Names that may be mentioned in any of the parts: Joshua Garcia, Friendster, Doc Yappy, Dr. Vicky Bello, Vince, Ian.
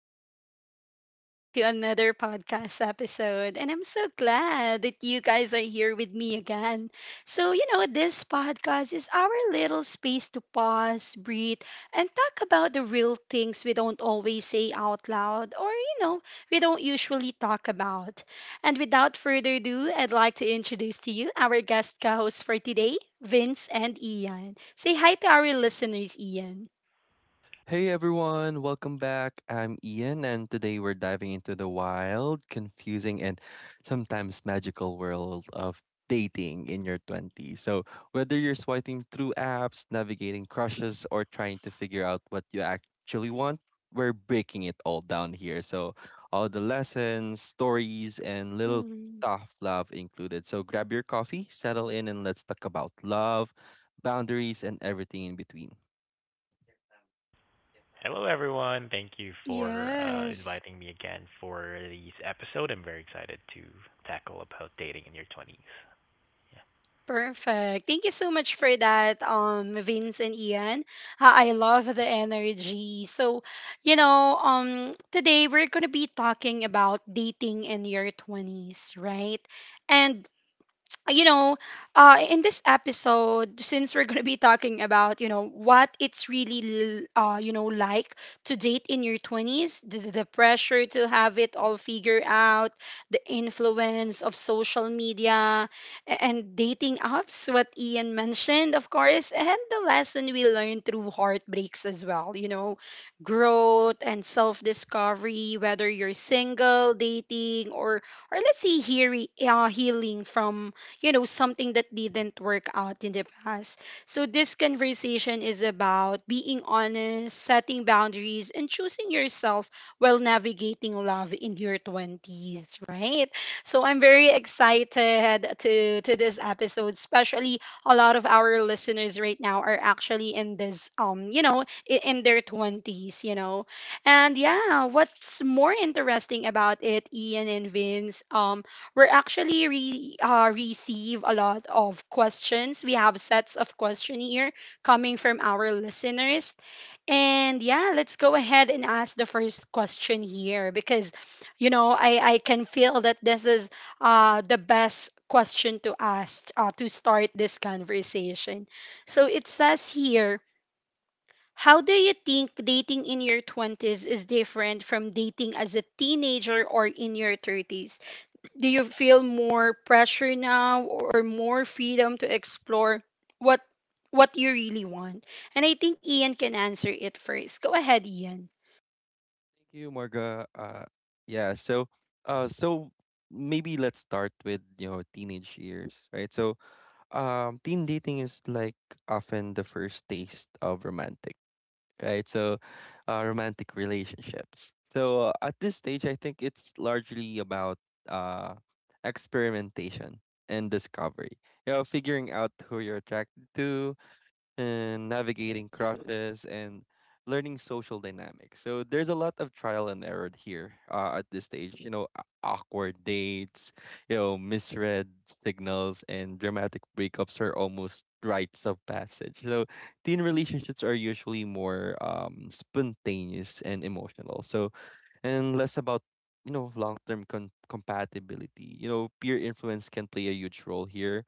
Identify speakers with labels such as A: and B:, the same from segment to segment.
A: people, and welcome back to another podcast episode. And I'm so glad that you guys are here with me again. So, you know, this podcast is our little space to pause, breathe, and talk about the real things we don't always say out loud or, you know, we don't usually talk about. And without further ado, I'd like to introduce to you our guest co hosts for today, Vince and Ian. Say hi to our listeners, Ian.
B: Hey everyone, welcome back. I'm Ian, and today we're diving into the wild, confusing, and sometimes magical world of dating in your 20s. So, whether you're swiping through apps, navigating crushes, or trying to figure out what you actually want, we're breaking it all down here. So, all the lessons, stories, and little
A: Mm,
B: tough love included. So, grab your coffee, settle in, and let's talk about love, boundaries, and everything in between.
C: Hello, everyone. Thank you for
A: yes,
C: inviting me again for this episode. I'm very excited to tackle about dating in your 20s. Yeah.
A: perfect. Thank you so much for that, Vince and Ian. I love the energy. So, you know, today we're gonna be talking about dating in your twenties, right? And Uh, you know, in this episode, since we're going to be talking about, you know, what it's really, you know, like to date in your 20s, the pressure to have it all figured out, the influence of social media and dating apps, what Ian mentioned, of course, and the lesson we learn through heartbreaks as well, you know, growth and self discovery, whether you're single, dating, or let's say healing from you know, something that didn't work out in the past. So this conversation is about being honest, setting boundaries, and choosing yourself while navigating love in your 20s, right? So I'm very excited to this episode, especially a lot of our listeners right now are actually in this you know, in their 20s, you know. And yeah, what's more interesting about it, Ian and Vince, we're actually receive a lot of questions. We have sets of question here coming from our listeners. And yeah, let's go ahead and ask the first question here because, you know, I can feel that this is the best question to ask to start this conversation. So it says here, how do you think dating in your 20s is different from dating as a teenager or in your 30s? Do you feel more pressure now or more freedom to explore what what you really want? And I think Ian can answer it first. Go ahead, Ian.
B: Thank you, Marga. Yeah, so so maybe let's start with teenage years, right? So teen dating is like often the first taste of romantic, right? So romantic relationships. So at this stage, I think it's largely about uh, experimentation and discovery. You know, figuring out who you're attracted to, and navigating crushes and learning social dynamics. So there's a lot of trial and error here at this stage. You know, awkward dates, you know, misread signals, and dramatic breakups are almost rites of passage. So teen relationships are usually more spontaneous and emotional. So and less about long-term compatibility. You know, peer influence can play a huge role here,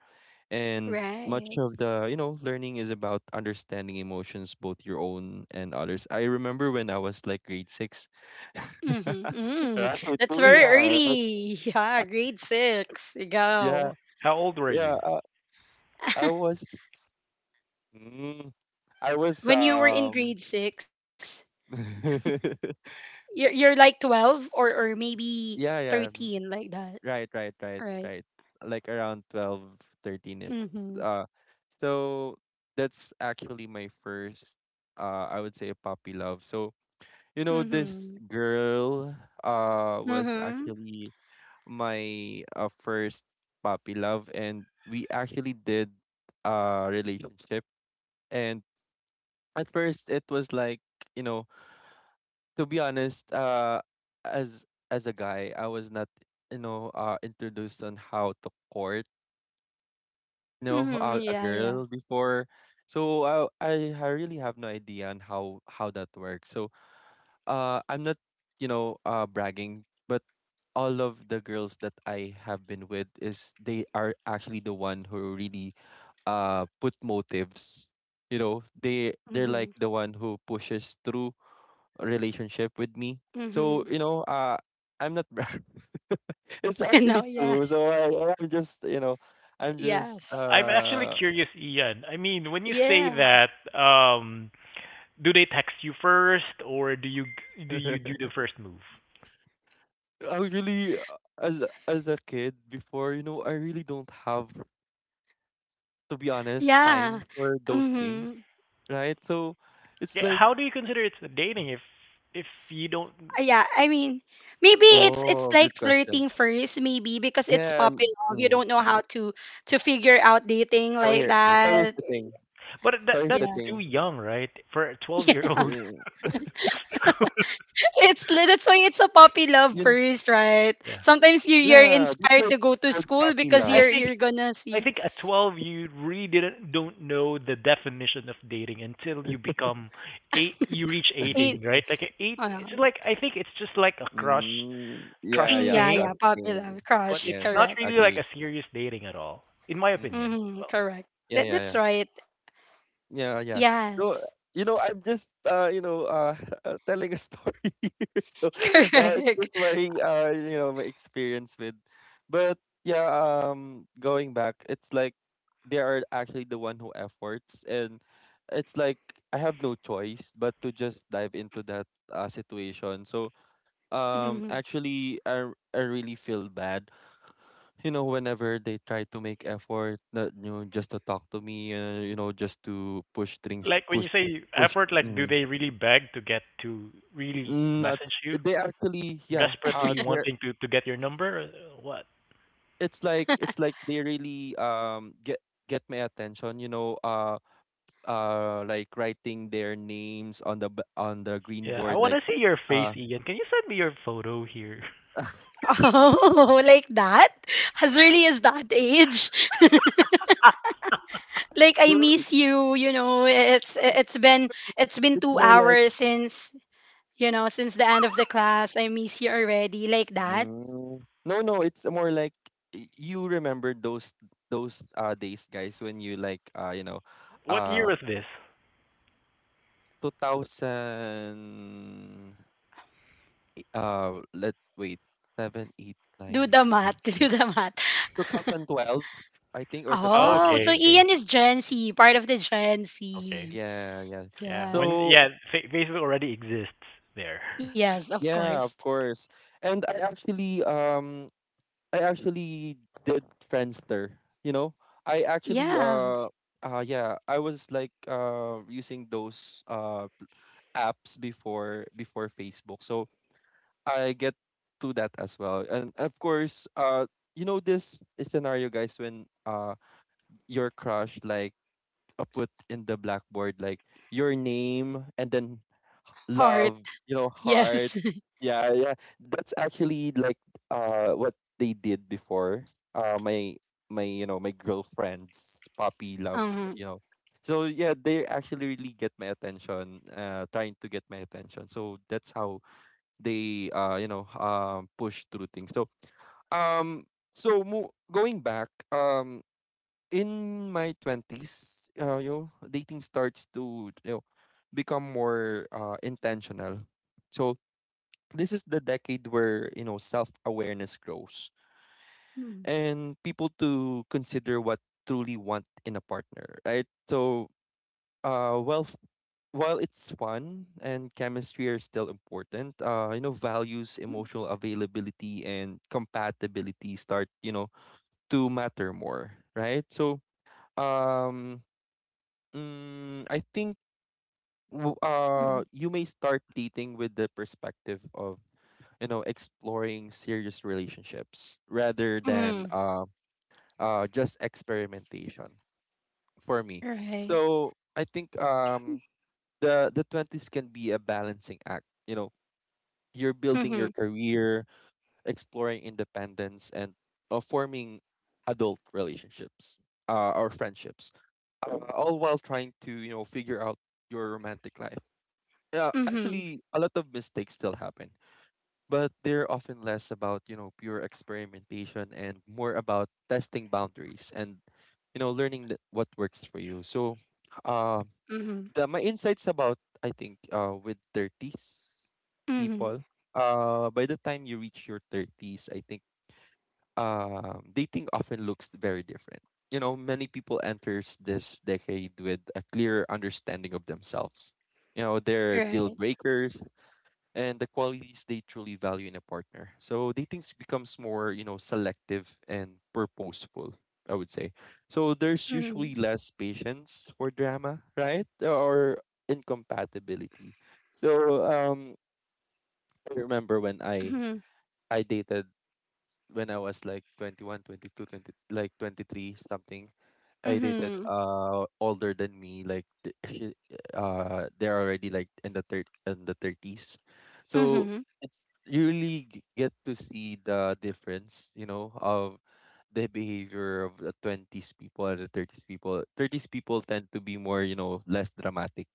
B: and
A: Right.
B: much of the, you know, learning is about understanding emotions, both your own and others. I remember when I was like grade 6.
A: Mm-hmm.
B: Right?
A: Mm. That's
B: Oh,
A: very
B: yeah, right?
A: early. Yeah, grade six. You
B: yeah,
A: go.
C: How old were
B: yeah.
C: you?
B: I was, mm, I was,
A: When you were in grade six, you're like 12 or maybe
B: yeah, yeah.
A: 13,
B: mm,
A: like that,
B: Right, right, right,
A: right?
B: right. Like around 12, 13. -ish.
A: Mm-hmm.
B: Uh, so that's actually my first, I would say a puppy love. So you know,
A: Mm-hmm.
B: this girl was
A: Mm-hmm.
B: actually my first puppy love, and we actually did a relationship. And at first it was like, you know, to be honest, as as a guy, I was not, you know, introduced on how to court, you know,
A: Mm-hmm.
B: a
A: Yeah, yeah.
B: girl before. So I really have no idea on how that works. So I'm not, you know, bragging, but all of the girls that I have been with is they are actually the one who really put motives. You know, they're like
A: Mm-hmm.
B: the one who pushes through a relationship with me. So,
A: Mm-hmm.
B: you know, I'm not brag- it's
A: You
B: actually
A: know,
B: true.
A: yes.
B: So I'm just, you know, I'm just
A: Yes.
C: I'm actually curious, Ian. I mean, when you say
A: Yeah.
C: that, um, do they text you first, or do you do the first move?
B: I really as a kid before, you know, I really don't have, to be honest,
A: Yeah.
B: time for those things,
A: Mm-hmm.
B: right? So it's
C: Yeah,
B: like,
C: how do you consider it's a dating if you don't if
A: Yeah, I mean, maybe it's
B: oh,
A: like
B: good question.
A: flirting first, maybe because it's
B: Yeah. mm,
A: popping off. You
B: mm.
A: don't know how to figure out dating
B: So
A: like
B: here,
C: it's dating?
B: so here's
A: that.
B: the thing.
C: But
B: So
C: that
B: here's
C: that's
B: the
A: Yeah.
C: too
B: thing.
C: young, right? For a 12-year-old.
B: Eh,
A: Yeah. That's why it's a puppy love
B: Yun,
A: first, right?
C: Yeah.
A: Sometimes you're
B: yeah, that's why
A: inspired
B: it's
A: to go to
B: called
A: school
B: puppy
A: because
C: I
B: love.
A: you're
C: think
A: you're gonna
C: I
A: see
C: think at 12 you really didn't don't know the definition of dating until you become eight you reach
A: it.
C: 18, right? Like a eight it's
A: Well,
C: like I think it's just like a crush crush
B: Yeah,
A: mm,
B: yeah,
A: yeah,
C: thing,
B: crush
A: yeah, puppy
B: thing.
A: love
C: but
A: crush,
C: it's
B: Yes,
C: not
A: correct.
C: really like
B: agree.
C: a serious dating at all in my
B: Mm,
C: opinion.
A: Mm-hmm,
C: Well,
A: correct.
B: yeah,
A: That
B: yeah, yeah.
A: that's right.
B: Yeah, yeah. So,
A: Yes.
B: you know, I'm just, you know, telling a story here. So, it's just
A: Correct.
B: my, you know, my experience with. But yeah, going back, it's like they are actually the one who efforts, and it's like I have no choice but to just dive into that situation. So,
A: Mhm.
B: actually, I really feel bad, you know, whenever they try to make effort, that you know, just to talk to me, you know, just to push things,
C: like when
B: push,
C: you say
B: push.
C: effort like do
B: Mm,
C: they really beg to get to really
B: not
C: message you
B: they actually, yeah.
C: desperately
B: They're
C: wanting to get your number or what?
B: It's like they really get my attention. You know, like writing their names on the on the green
C: Yeah, I
B: board,
C: want
B: like
C: to see your face,
B: uh,
C: Ian. Can you send me your photo here?
A: Oh, like that? As early as that age? Like I
B: you know,
A: miss you, you know, it's been it's been
B: it's
A: 2
B: more like.
A: hours since, you know, since the end of the class. I miss you already like that.
B: Mm. No, no, it's more like you remember those days, guys, when you like
C: What year
B: uh
C: was this?
B: 2000 uh let wait, 7,
A: Do the math, do the math.
B: 2012, I think, or
C: Oh,
A: Oh, so
C: okay,
B: 2011.
C: okay.
A: Ian is Gen Z, part of the Gen
C: Okay.
A: Z.
B: Yeah, yeah.
C: Yeah,
A: Yeah.
C: when
B: So,
C: yeah, Facebook already exists there.
A: Yes, of
C: Yeah.
B: yeah,
A: course.
B: of course. And I actually I actually did Friendster. You know, I actually
A: Yeah.
B: yeah, I was like using those apps before before Facebook. So I get to that as well. And of course, you know this scenario, guys, when your crush like put in the blackboard like your name and then
A: Heart.
B: love, you know, heart.
A: Yes.
B: Yeah, yeah. That's actually like what they did before. Uh my my you know, my girlfriend's puppy love, you
A: Um.
B: know. So yeah, they actually really get my attention, trying to get my attention. So that's how they you know, push through things. So um going back, in my 20s, you know, dating starts to, you know, become more intentional. So this is the decade where you know self-awareness grows
A: Mm,
B: and people to consider what truly want in a partner, right? So well, while it's fun and chemistry are still important, you know, values,
A: mm,
B: emotional availability, and compatibility start, you know, to matter more, right? So, um, I think
A: mm,
B: you may start dating with the perspective of, you know, exploring serious relationships rather than
A: mm.
B: just experimentation, for me.
A: Right.
B: So I think the 20s can be a balancing act. You know, you're building your
A: Mhm.
B: career, exploring independence, and forming adult relationships, or friendships, all while trying to, you know, figure out your romantic life. Yeah,
A: Mhm.
B: actually, a lot of mistakes still happen, but they're often less about, you know, pure experimentation and more about testing boundaries and, you know, learning what works for you. So, uh,
A: Mhm.
B: the, my insights about, I think, with 30s
A: Mhm.
B: people, by the time you reach your 30s, I think dating often looks very different. You know, many people enters this decade with a clear understanding of themselves. You know, their deal
A: Right.
B: breakers, and the qualities they truly value in a partner. So dating becomes more, you know, selective and purposeful, I would say. So there's
A: Mhm.
B: usually less patience for drama, right? Or incompatibility. So um I remember when I
A: Mhm.
B: I dated when I was like 21, 22, 20, like 23 something. I dated
A: Mhm.
B: older than me, like they're already like in the 30s. So
A: Mhm.
B: it's, you really get to see the difference, you know, of the behavior of the 20s people and the 30s people. 30s people tend to be more, you know, less dramatic.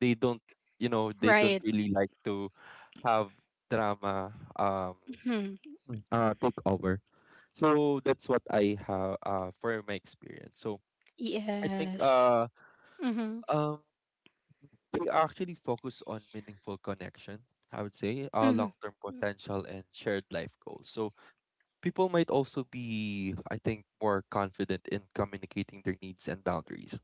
B: They don't, you know, they don't
A: Right.
B: really like to have drama um
A: Mhm.
B: Mm. Take over. So that's what I have for my experience. So I think
A: Yes. Mhm.
B: um they actually focus on meaningful connection, I would say,
A: Mhm.
B: long-term potential and shared life goals. So people might also be, I think, more confident in communicating their needs and boundaries.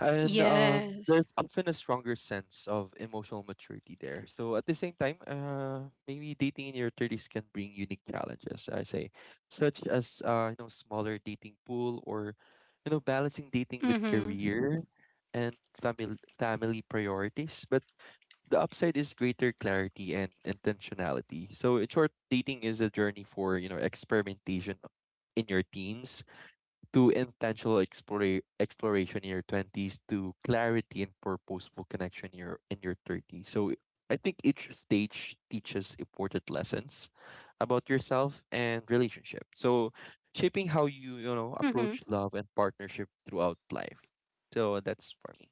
B: And
A: Yes.
B: there's often a stronger sense of emotional maturity there. So at the same time, maybe dating in your 30s can bring unique challenges, I say, such as you know, smaller dating pool, or you know, balancing dating with
A: Mhm.
B: career and family priorities. But the upside is greater clarity and intentionality. So in short, dating is a journey for you know experimentation in your teens, to intentional exploration in your 20s, to clarity and purposeful connection in in your 30s. So I think each stage teaches important lessons about yourself and relationship. So shaping how you, you know,
A: Mhm.
B: approach love and partnership throughout life. So that's for me.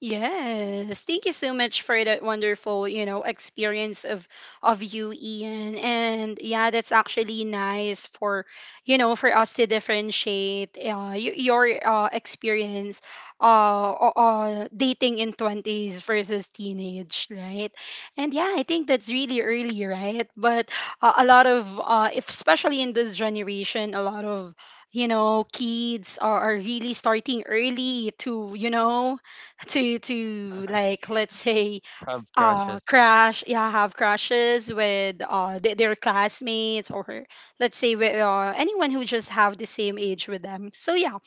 A: Yes, thank you so much for that wonderful, you know, experience of you, Ian. And yeah, that's actually nice for, you know, for us to differentiate your experience dating in 20s versus teenage, right? And yeah, I think that's really early, right? But a lot of if, especially in this generation, a lot of you know, kids are really starting early to, you know, to like let's say
B: Have crushes.
A: crash yeah have crashes with their classmates or let's say with anyone who just have the same age with them. So yeah,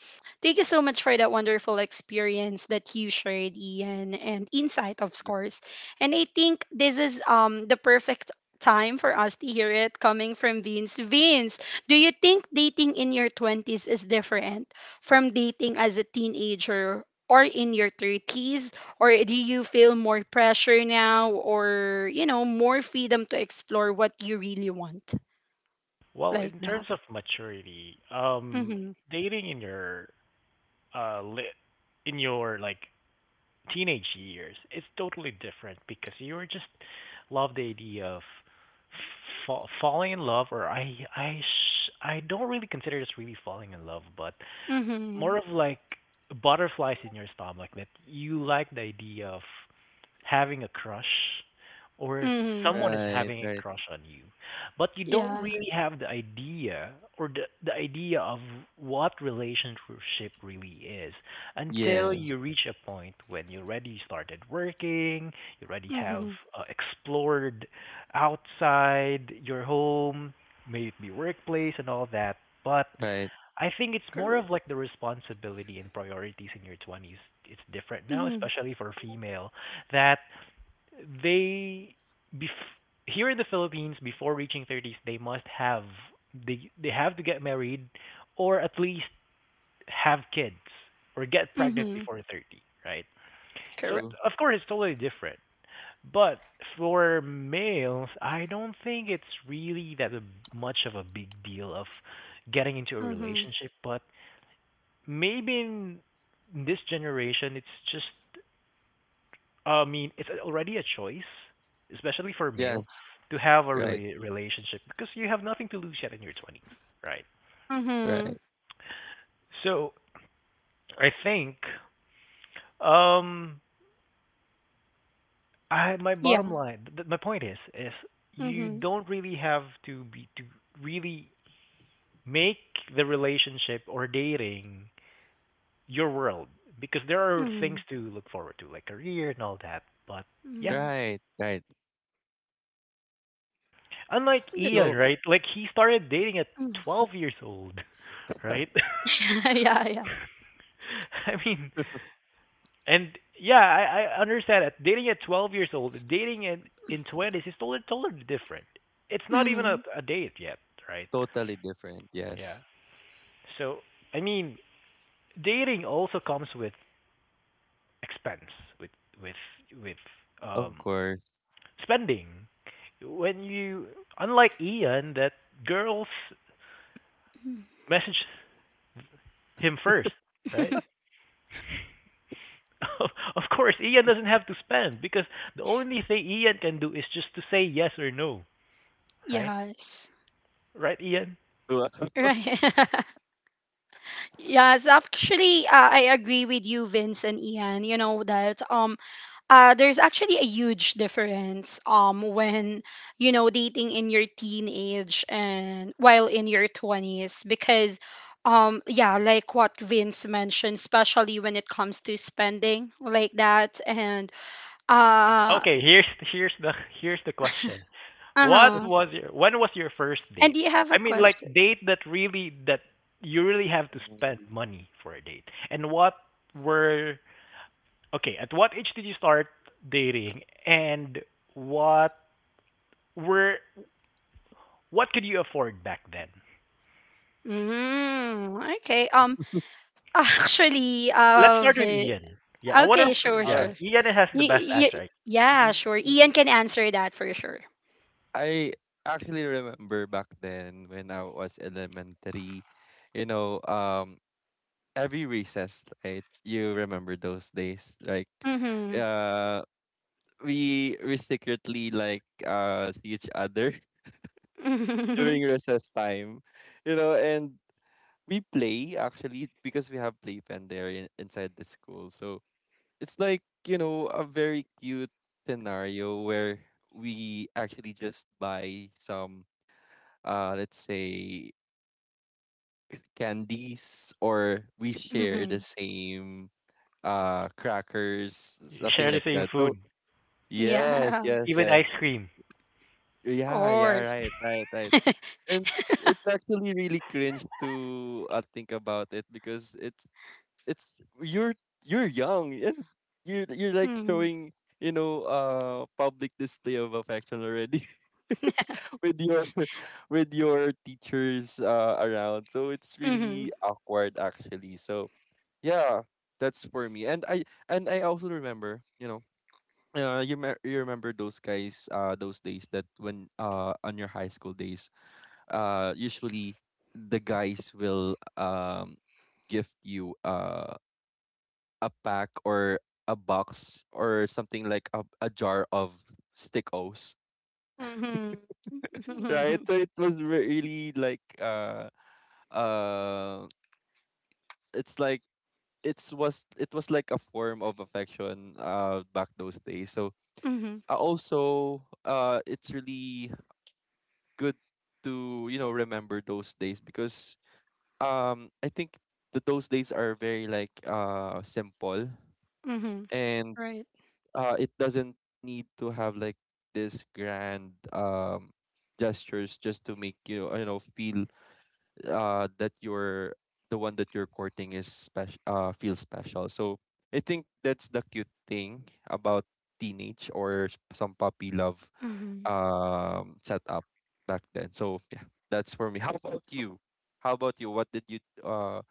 A: thank you so much for that wonderful experience that you shared, Ian, and insight of course. And I think this is the perfect time for us to hear it coming from Vince. Vince, do you think dating in your 20s is different from dating as a teenager or in your 30s, or do you feel more pressure now or, you know, more freedom to explore what you really want?
C: Well,
A: Like
C: in terms
A: that.
C: of maturity,
A: Mhm.
C: dating in your uh li- in your like teenage years, it's totally different because you were just love the idea of falling in love, or I don't really consider this really falling in love, but
A: Mhm.
C: more of like butterflies in your stomach that you like the idea of having a crush or
A: Mhm.
C: someone is
B: Right,
C: having a
B: right.
C: crush on you but you don't
A: Yeah.
C: really have the idea or the idea of what relationship really is until
B: Yes,
C: you reach a point when you already started working you already have
A: Mhm.
C: explored outside your home may it be workplace and all that but
B: right.
C: I think it's more
A: Correct.
C: of like the responsibility and priorities in your 20s. It's different now,
A: Mhm.
C: especially for female that they bef- here in the Philippines before reaching 30s they must have they have to get married or at least have kids or get pregnant
A: Mhm.
C: before 30, right? So
A: Correct.
B: True.
C: of course it's totally different. But for males, I don't think it's really that much of a big deal of getting into a
A: Mhm.
C: relationship, but maybe in this generation it's just I mean, it's already a choice, especially for male,
B: Yes,
C: to have a
B: right,
C: relationship because you have nothing to lose yet in your 20s, right?
A: Mhm.
B: right,
C: So I think um I my
A: Yeah.
C: bottom line my point is you
A: Mhm.
C: don't really have to be to really make the relationship or dating your world because there are
A: Mhm.
C: things to look forward to like career and all that but yeah
A: Mhm.
B: right, right.
C: unlike
A: That's-
C: Ian
B: So
C: right like he started dating at
A: mhm.
C: 12 years old right.
A: Yeah, yeah.
C: I mean, and yeah, I understand that dating at 12 years old, dating in 20s is totally totally different. It's not even a,
A: Mhm.
C: a date yet, right?
B: totally different.
C: Yeah.
B: Yes.
C: So I mean, dating also comes with expense, with with with
B: Of
C: um
B: course.
C: spending. When you, unlike Ian, that girls
A: Mhm.
C: message him first, right? Of course, Ian doesn't have to spend because the only thing Ian can do is just to say yes or no. Right?
A: Yes.
C: Right, Ian?
B: To
A: Right. Yes, actually, I agree with you, Vince and Ian. You know that there's actually a huge difference when you know dating in your teenage and while in your 20s because yeah like what Vince mentioned especially when it comes to spending like that and uh
C: Okay, here's the question. What
A: uh-huh
C: was your when was your first
A: and
C: date?
A: do you have a
C: I mean like
A: question
C: date that really that you really have to spend money for a date. And what were okay, at what age did you start dating and what were what could you afford back then?
A: mm, okay actually
C: Let's start with Ian. Yeah, I wonder
A: Okay sure
B: uh,
C: yeah,
A: sure
C: Ian has the best answer.
A: yeah
B: mm,
A: sure Ian can answer that for sure.
B: I actually remember back then when I was elementary, you know, every recess, right? You remember those days, like, uh, we secretly like see each other
A: Mm-hmm.
B: during recess time, you know, and we play actually because we have playpen there inside the school. So it's like, you know, a very cute scenario where we actually just buy some let's say candies, or we share the same crackers,
C: You share
B: something
C: the
B: like
C: same
B: that. So
C: food,
B: yes,
A: Yeah,
B: yes,
C: even ice
B: yes.
C: cream.
A: of
B: Yeah, yeah,
A: course.
B: right, right, right. And it's actually really cringe to think about it because it's you're young, and you're like
A: Hmm.
B: showing, you know, public display of affection already with your with your teachers around, so it's
A: Mm-hmm.
B: really awkward actually. So yeah, that's for me. And I and I also remember, you know, you remember those guys those days, that when on your high school days, usually the guys will gift you a pack or a box or something like a jar of stickos.
A: Mm-hmm.
B: Right?
A: Mm-hmm.
B: So it was really like uh it's like it was like a form of affection back those days. So
A: Mm-hmm.
B: also it's really good to, you know, remember those days because I think that those days are very like simple.
A: Mm-hmm.
B: And
A: Right.
B: it doesn't need to have like this grand gestures just to make you, you know, feel that you're the one that you're courting is special, feel special. So I think that's the cute thing about teenage or some puppy love
A: Mm-hmm.
B: setup back then. So yeah, that's for me. How about you? How about you, what did you uh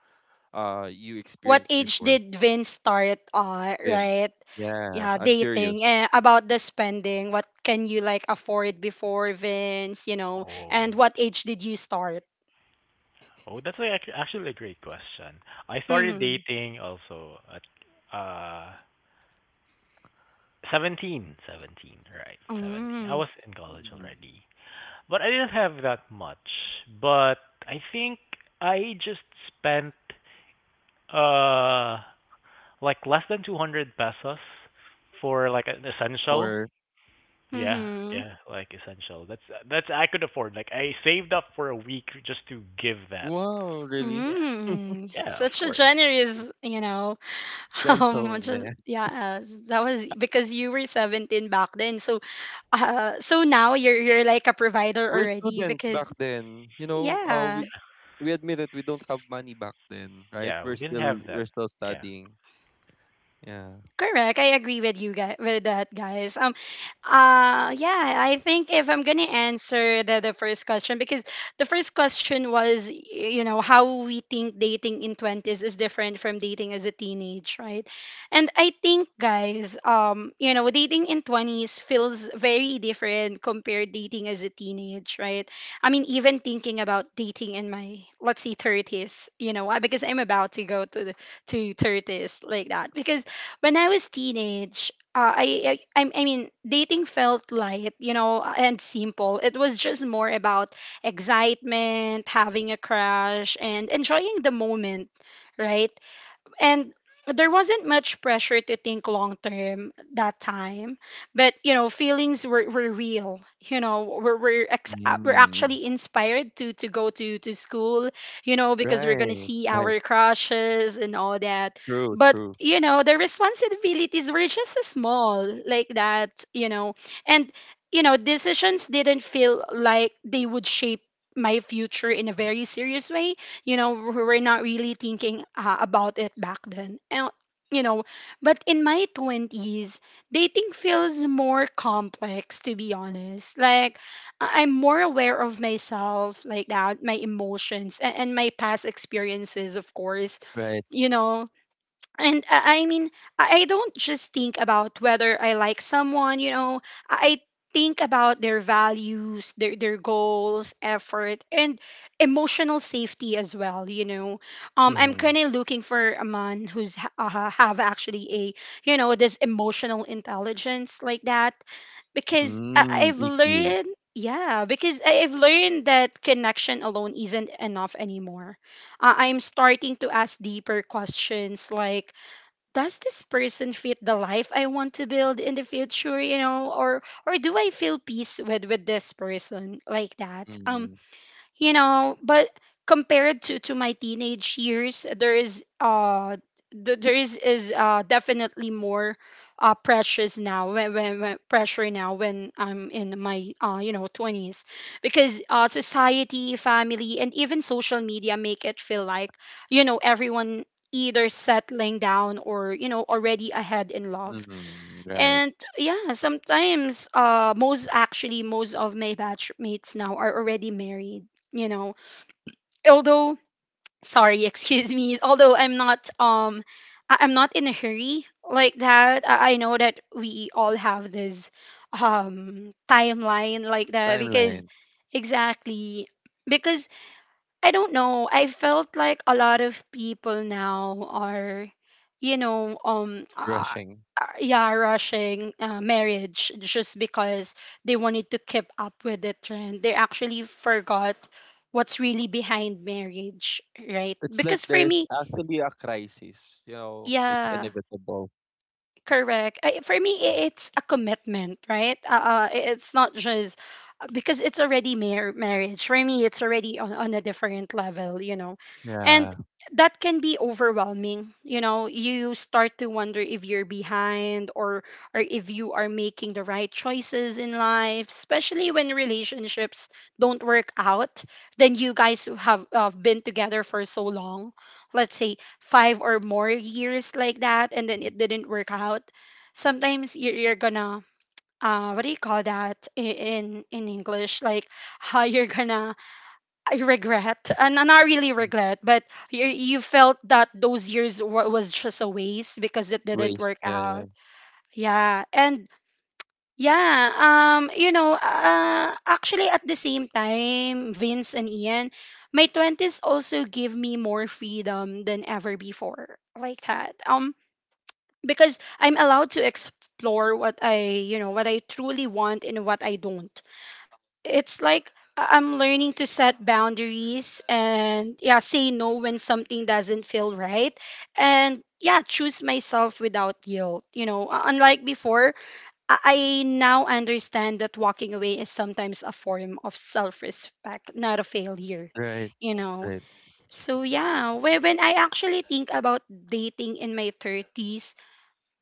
B: you
A: What
B: experienced
A: age
B: before,
A: did Vince start
B: Vince?
A: right?
B: Yeah,
A: Yeah,
B: I'm curious.
A: dating. Eh, about the spending, what can you like afford before, Vince, you know? And
C: Oh.
A: what age did you start?
C: Oh, that's like actually a great question. I started
A: Mm-hmm.
C: dating also at uh seventeen, right? 17. I
A: Mm-hmm.
C: was in college
B: Hmm.
C: already. But I didn't have that much. But I think I just spent uh like less than 200 pesos for like an essential.
B: For?
C: Yeah,
A: Mm-hmm.
C: yeah, like essential. That's I could afford. Like I saved up for a week just to give that.
B: Wow, really?
C: Yeah.
A: Mm.
C: Yeah, of
A: Such a
C: course.
A: generous, you know,
B: Gentle,
A: just
B: man.
A: yeah, that was because you were 17 back then. So, so now you're like a provider
B: We're
A: already
B: students back
A: because
B: then. You know,
A: yeah,
B: we admit that we don't have money back then, right?
C: Yeah, we didn't have that.
B: We're still
C: Yeah.
B: studying. Yeah.
A: correct. I agree with you guys with that, guys. Yeah, I think if I'm going to answer the first question because the first question was you know how we think dating in 20s is different from dating as a teenage, right? And I think guys, you know, dating in 20s feels very different compared dating as a teenage, right? I mean, even thinking about dating in my let's see 30s, you know, why? Because I'm about to go to the to 30s like that because when I was teenage, I mean dating felt light, you know, and simple. It was just more about excitement, having a crush, and enjoying the moment, right? And there wasn't much pressure to think long term that time, but you know feelings were real. You know, we're we're
B: Mm,
A: actually inspired to go to school, you know, because we're gonna
B: right,
A: see
B: right.
A: our crushes and all that.
B: True,
A: But
B: true.
A: you know the responsibilities were just so small like that, you know. And you know decisions didn't feel like they would shape my future in a very serious way. You know, we were not really thinking about it back then. And you know but in my 20s dating feels more complex to be honest. Like I'm more aware of myself like that, my emotions and my past experiences of course.
B: Right.
A: You know and I mean, I don't just think about whether I like someone, you know, I I think about their values, their goals, effort, and emotional safety as well, you know. I'm
B: Mm-hmm.
A: kind of looking for a man who's have actually a, you know, this emotional intelligence like that because
B: Mm,
A: I've
B: EQ.
A: learned, yeah, because I've learned that connection alone isn't enough anymore. I'm starting to ask deeper questions like, does this person fit the life I want to build in the future, you know, or do I feel peace with this person like that?
B: Mm-hmm.
A: You know but compared to my teenage years there is there is definitely more precious now when pressure now when I'm in my you know 20s because society, family, and even social media make it feel like you know everyone either settling down or you know already ahead in love.
B: Mm-hmm. Right.
A: And yeah, sometimes most, actually most of my batchmates now are already married, you know. Although sorry, excuse me, although I'm not I'm not in a hurry like that. I know that we all have this timeline like that because
B: Timeline.
A: exactly because I don't know. I felt like a lot of people now are, you know,
B: Rushing.
A: yeah, rushing marriage just because they wanted to keep up with the trend. They actually forgot what's really behind marriage, right?
B: It's like
A: Because for
B: there's
A: me,
B: actually a crisis, you know, it's
A: yeah,
B: inevitable.
A: correct. I, for me, it's a commitment, right? It's not just because it's already marriage. For me, it's already on a different level, you know, and
B: Yeah.
A: that can be overwhelming. You know, you start to wonder if you're behind or if you are making the right choices in life, especially when relationships don't work out. Then you guys who have been together for so long, let's say five or more years like that and then
B: Hmm.
A: it didn't work out sometimes you're gonna what do you call that I- in english like how you're gonna I regret and not really regret but you felt that those years was just a waste because it didn't
B: Waste.
A: work
B: Yeah, yeah.
A: out yeah. And yeah, you know, actually at the same time, Vince and Ian, my 20s also give me more freedom than ever before, like that. Because I'm allowed to explore what what I truly want and what I don't. It's like I'm learning to set boundaries and, yeah, say no when something doesn't feel right, and, yeah, choose myself without guilt. Unlike before, I now understand that walking away is sometimes a form of self respect, not a failure,
B: Right.
A: you know.
B: Right.
A: So, yeah, when I actually think about dating in my 30s,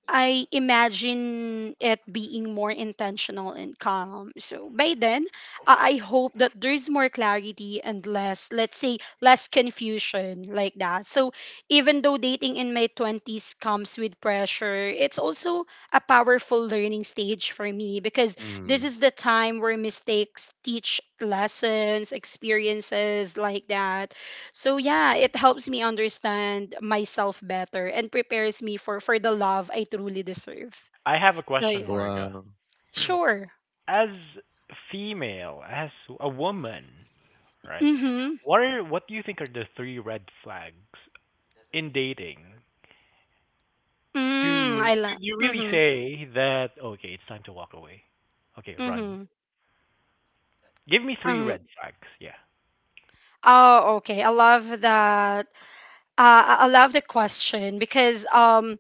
A: I imagine it being more intentional and calm. So by then, I hope that there's more clarity and less, let's say, less confusion like that. So even though dating in my 20s comes with pressure, it's also a powerful learning stage for me because
B: Mm.
A: this is the time where mistakes teach lessons, experiences like that. So, yeah, it helps me understand myself better and prepares me for the love I truly deserve.
C: I have a
A: So,
C: question,
A: yeah,
C: Marga.
B: Wow.
A: sure.
C: As a female, as a woman, right?
A: Mhm.
C: What do you think are the three red flags in dating?
A: Mm,
C: Do
A: I
C: do
A: love.
C: you really
A: Mhm.
C: say that okay, it's time to walk away? Okay, run.
A: Mhm.
C: Give me three
A: Mhm.
C: red flags. Yeah.
A: Oh, okay. I love that. I love the question because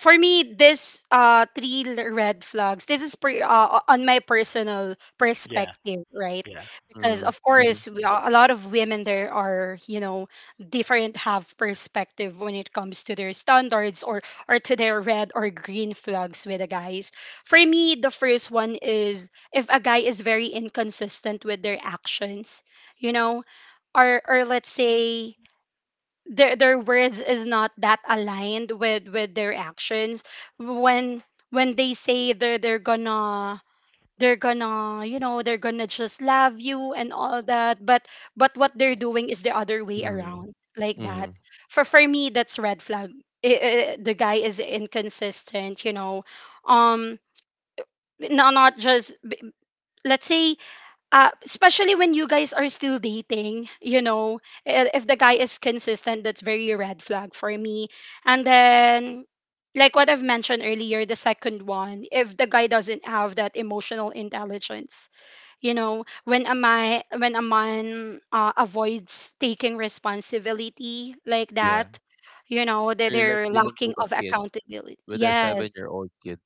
A: for me, this red flags. This is per, on my personal
C: Yeah.
A: perspective, right?
C: Yeah.
A: Because
B: Mm.
A: of
B: Mhm.
A: course, a lot of women there are, you know, different have perspective when it comes to their standards, or to their red or green flags with the guys. For me, the first one is if a guy is very inconsistent with their actions, you know, or let's say their words is not that aligned with their actions when they say they're gonna you know they're gonna just love you and all that, but what they're doing is the other way
B: Mm.
A: around like that.
B: Mhm.
A: For me, that's red flag. The guy is inconsistent, you know. um not just, let's say, especially when you guys are still dating, you know, if the guy is consistent, that's very red flag for me. And then, like what I've mentioned earlier, the second one, if the guy doesn't have that emotional intelligence, you know, when a man avoids taking responsibility like
B: Yeah.
A: that, you know, that
B: You're like
A: they're
B: dealing
A: lacking
B: with a
A: of
B: kid,
A: accountability.
B: with a
A: Yes.
B: seven-year-old kid.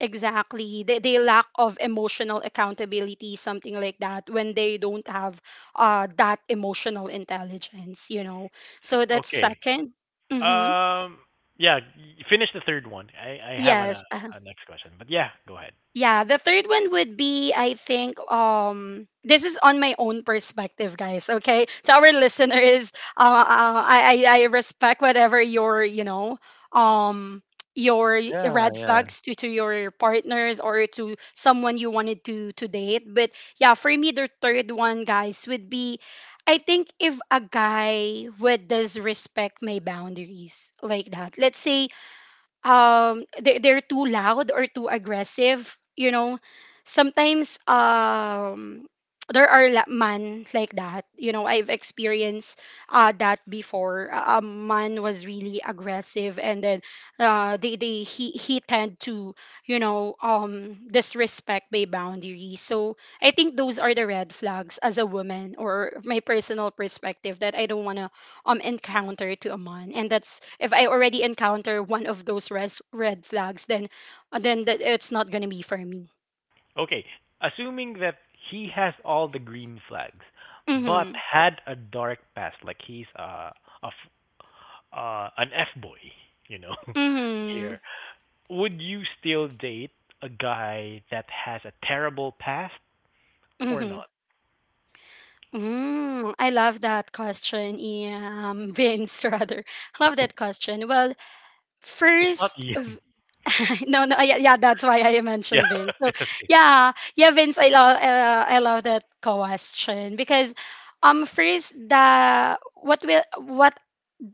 A: Exactly. They lack of emotional accountability, something like that, when they don't have that emotional intelligence, you know. So that's
C: Okay.
A: second. Mm-hmm.
C: Um yeah, finish the third one. I have
A: Yes. Uh-huh.
C: a next question, but yeah, go ahead.
A: Yeah, the third one would be, I think, this is on my own perspective, guys. Okay, to our listeners, I respect whatever you know um your
B: Yeah,
A: red
B: yeah.
A: flags to your partners or to someone you wanted to date. But yeah, for me, the third one, guys, would be, I think, if a guy would disrespect my boundaries like that. Let's say they're too loud or too aggressive, you know. Sometimes, there are man like that, you know. I've experienced that before. A man was really aggressive, and then they he tend to, you know, disrespect my boundaries. So I think those are the red flags as a woman, or my personal perspective, that I don't want to encounter to a man. And that's, if I already encounter one of those red flags, then that it's not gonna be for me.
C: Okay, assuming that he has all the green flags, but
A: Mm-hmm.
C: had a dark past, like he's a f- an F boy, you know,
A: Mm-hmm.
C: here, would you still date a guy that has a terrible past or
A: Mm-hmm.
C: not?
A: Mm, I love that question, yeah, Vince, rather. Love that question. Well,
C: It's not
A: first,
C: Ian.
A: no, no, yeah, yeah, that's why I
C: Yeah,
A: mentioned Vince. So,
C: it's okay.
A: yeah, yeah, Vince, I love that question because, first,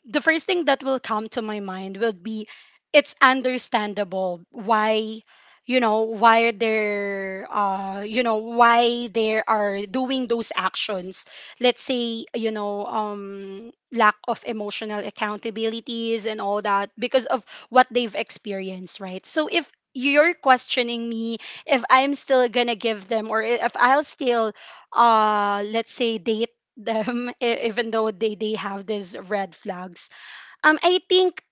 A: the first thing that will come to my mind would be it's understandable why, you know, why they're you know why they are doing those actions. Let's say, you know, lack of emotional accountabilities and all that because of what they've experienced, right? So if you're questioning me, if I'm still gonna give them, or if I'll still let's say date them, even though they have these red flags, I think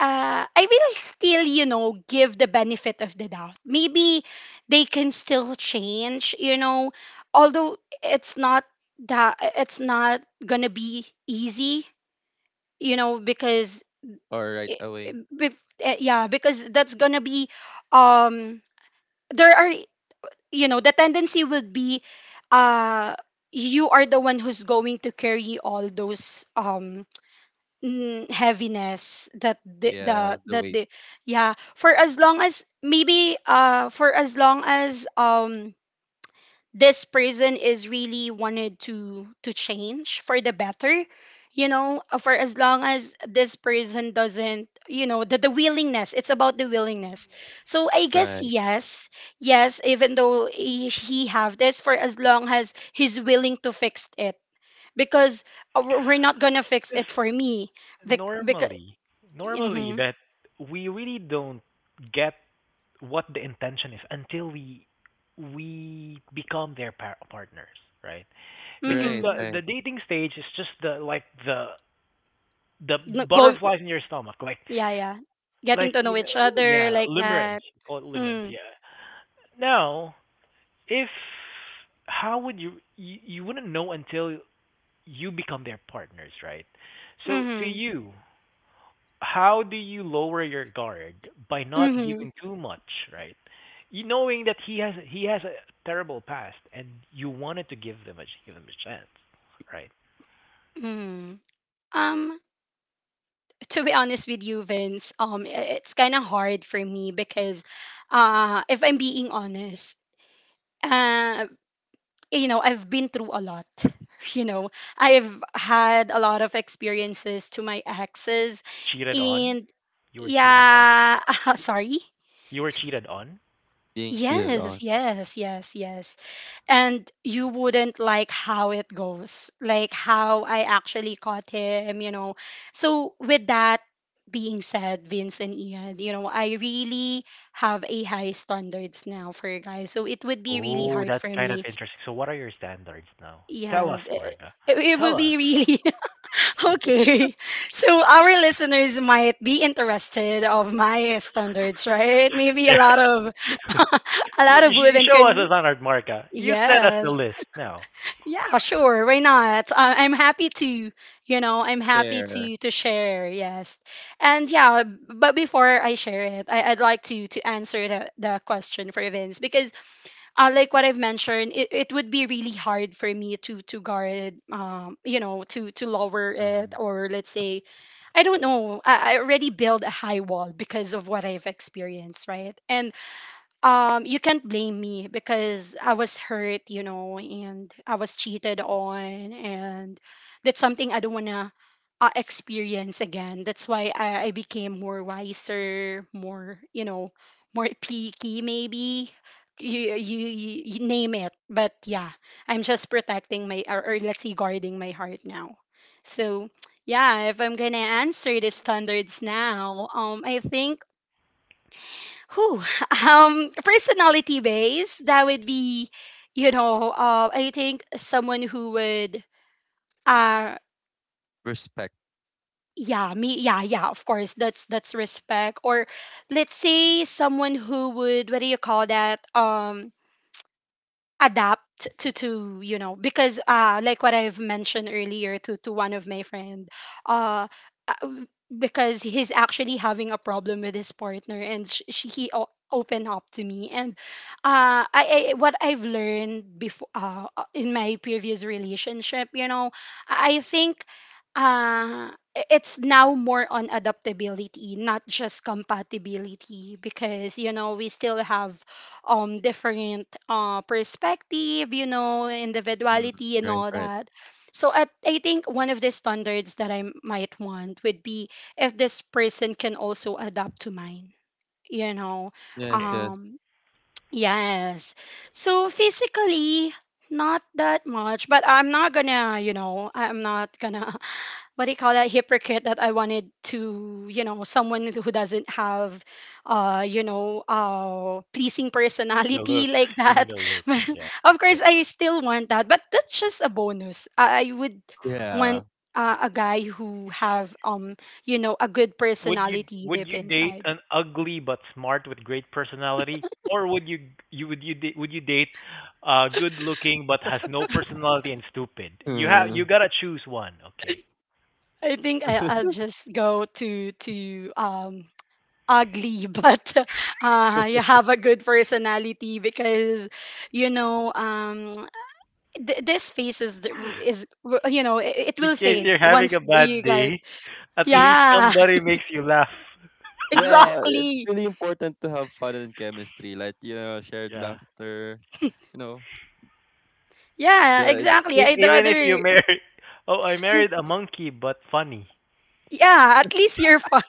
A: I will still, you know, give the benefit of the doubt. Maybe they can still change, you know, although it's not it's not gonna be easy, you know, because
B: Or right
A: i-
B: away.
A: yeah, because that's gonna be, um there are, you know, the tendency would be, uh you are the one who's going to carry all those, mm, heaviness that
B: Yeah, the weight.
A: the, yeah, for as long as, maybe, for as long as this person is really wanted to change for the better, you know, for as long as this person doesn't, you know, the willingness, it's about the willingness. So I guess
B: Right.
A: yes. Yes, even though he have this, for as long as he's willing to fix it, because we're not gonna fix
C: Because
A: it for me because.
C: normally, normally
A: Mhm.
C: that we really don't get what the intention is until we become their partners, right? Because
B: Right,
A: Mhm.
C: the
B: right.
C: the dating stage is just the like the
A: No- Go.
C: butterflies in your stomach like
A: Yeah, yeah. Getting
C: like
A: to know
C: you know
A: each other
C: yeah
A: like
C: limerence
A: that.
C: call it limerence
A: Mm.
C: yeah now if how would you wouldn't know until you become their partners right so to
A: Mhm.
C: you how do you lower your guard by not
A: Mhm.
C: giving too much right you knowing that he has a terrible past and you wanted to give them a give him a chance right.
A: Mhm. Um to be honest with you, Vince, it's kind of hard for me because if I'm being honest, uh you know, I've been through a lot. You know, I've had a lot of experiences to my exes
C: Cheated on?
A: and
C: You were cheated on?
A: yeah, sorry.
C: You were cheated on?
B: Being cheated on.
A: Yes, yes, yes, yes. And you wouldn't like how it goes, like how I actually caught him, you know. So with that being said, Vince and Ian, you know, I really have a high standards now for you guys, so it would be really
C: Oh,
A: hard
C: that's
A: for
C: kind of
A: me.
C: interesting. So what are your standards now? Tell us,
A: Yes,
C: Marga.
A: it
C: Tell
A: would
C: us.
A: be really okay, so our listeners might be interested of my standards, right? Maybe a lot of a
C: Yeah. You,
A: lot of
C: you
A: women
C: show us a
A: can.
C: standard, Marga. You set us the
A: Yes.
C: list now.
A: Yeah, sure. Why not? I'm happy to, you know, I'm happy
B: Share.
A: to share. Yes, and yeah. But before I share it, I'd like to answer the question for Vince because, like what I've mentioned, it would be really hard for me to guard, you know, to lower it,
B: Mhm.
A: or let's say I don't know. I already build a high wall because of what I've experienced, right? And you can't blame me because I was hurt, you know, and I was cheated on, and that's something I don't want to experience again. That's why I became more wiser, more, you know, more picky maybe. You name it. But yeah, I'm just protecting my, or let's say, guarding my heart now. So, yeah, if I'm going to answer the standards now, I think who? Personality base, that would be, you know, I think someone who would, uh,
B: Respect.
A: yeah, me, yeah, yeah, of course, that's respect. Or let's say someone who would, what do you call that? Adapt to you know because like what I've mentioned earlier to one of my friend, uh uh, w- because he's actually having a problem with his partner and he opened up to me. And I what I've learned before in my previous relationship, you know, I think uh it's now more on adaptability, not just compatibility, because, you know, we still have different perspective, you know,
B: Mm.
A: individuality and
B: Right,
A: all
B: right.
A: that. So at, I think one of the standards that I might want would be if this person can also adapt to mine, you know.
B: Yes,
C: Okay.
B: yes.
A: Um yes. So physically not that much, but I'm not gonna, you know, I'm not gonna, what do you call that, hypocrite, that I wanted to, you know, someone who doesn't have, you know, pleasing
C: The
A: personality
C: looks.
A: like
C: You mean
A: that.
C: the looks.
A: But
C: Yeah.
A: of
C: Yeah.
A: course, I still want that, but that's just a bonus. I would
C: Uh,
B: Yeah.
A: want a guy who have, you know, a good
C: would you
A: personality
C: would
A: deep
C: you date
A: inside.
C: an ugly but smart with great personality or would you you would you da- would you date good looking but has no personality and stupid you have you
B: Mm.
C: gotta choose one okay.
A: I think I'll just go to um ugly, but you have a good personality because you know um this phase is you know it
C: In
A: will
C: case
A: fade
C: you're having
A: once
C: a
A: you
C: bad
A: get
C: day, at least
A: yeah.
C: somebody makes you laugh.
B: Yeah, it's
A: Exactly.
B: really important to have fun and chemistry, like, you know, shared
C: Yeah.
B: laughter, you know,
A: Yeah,
B: the
A: exactly,
C: E-
A: I'd
C: even if you
A: rather
C: marry, oh, I married a monkey, but funny.
A: yeah, at least you're fine.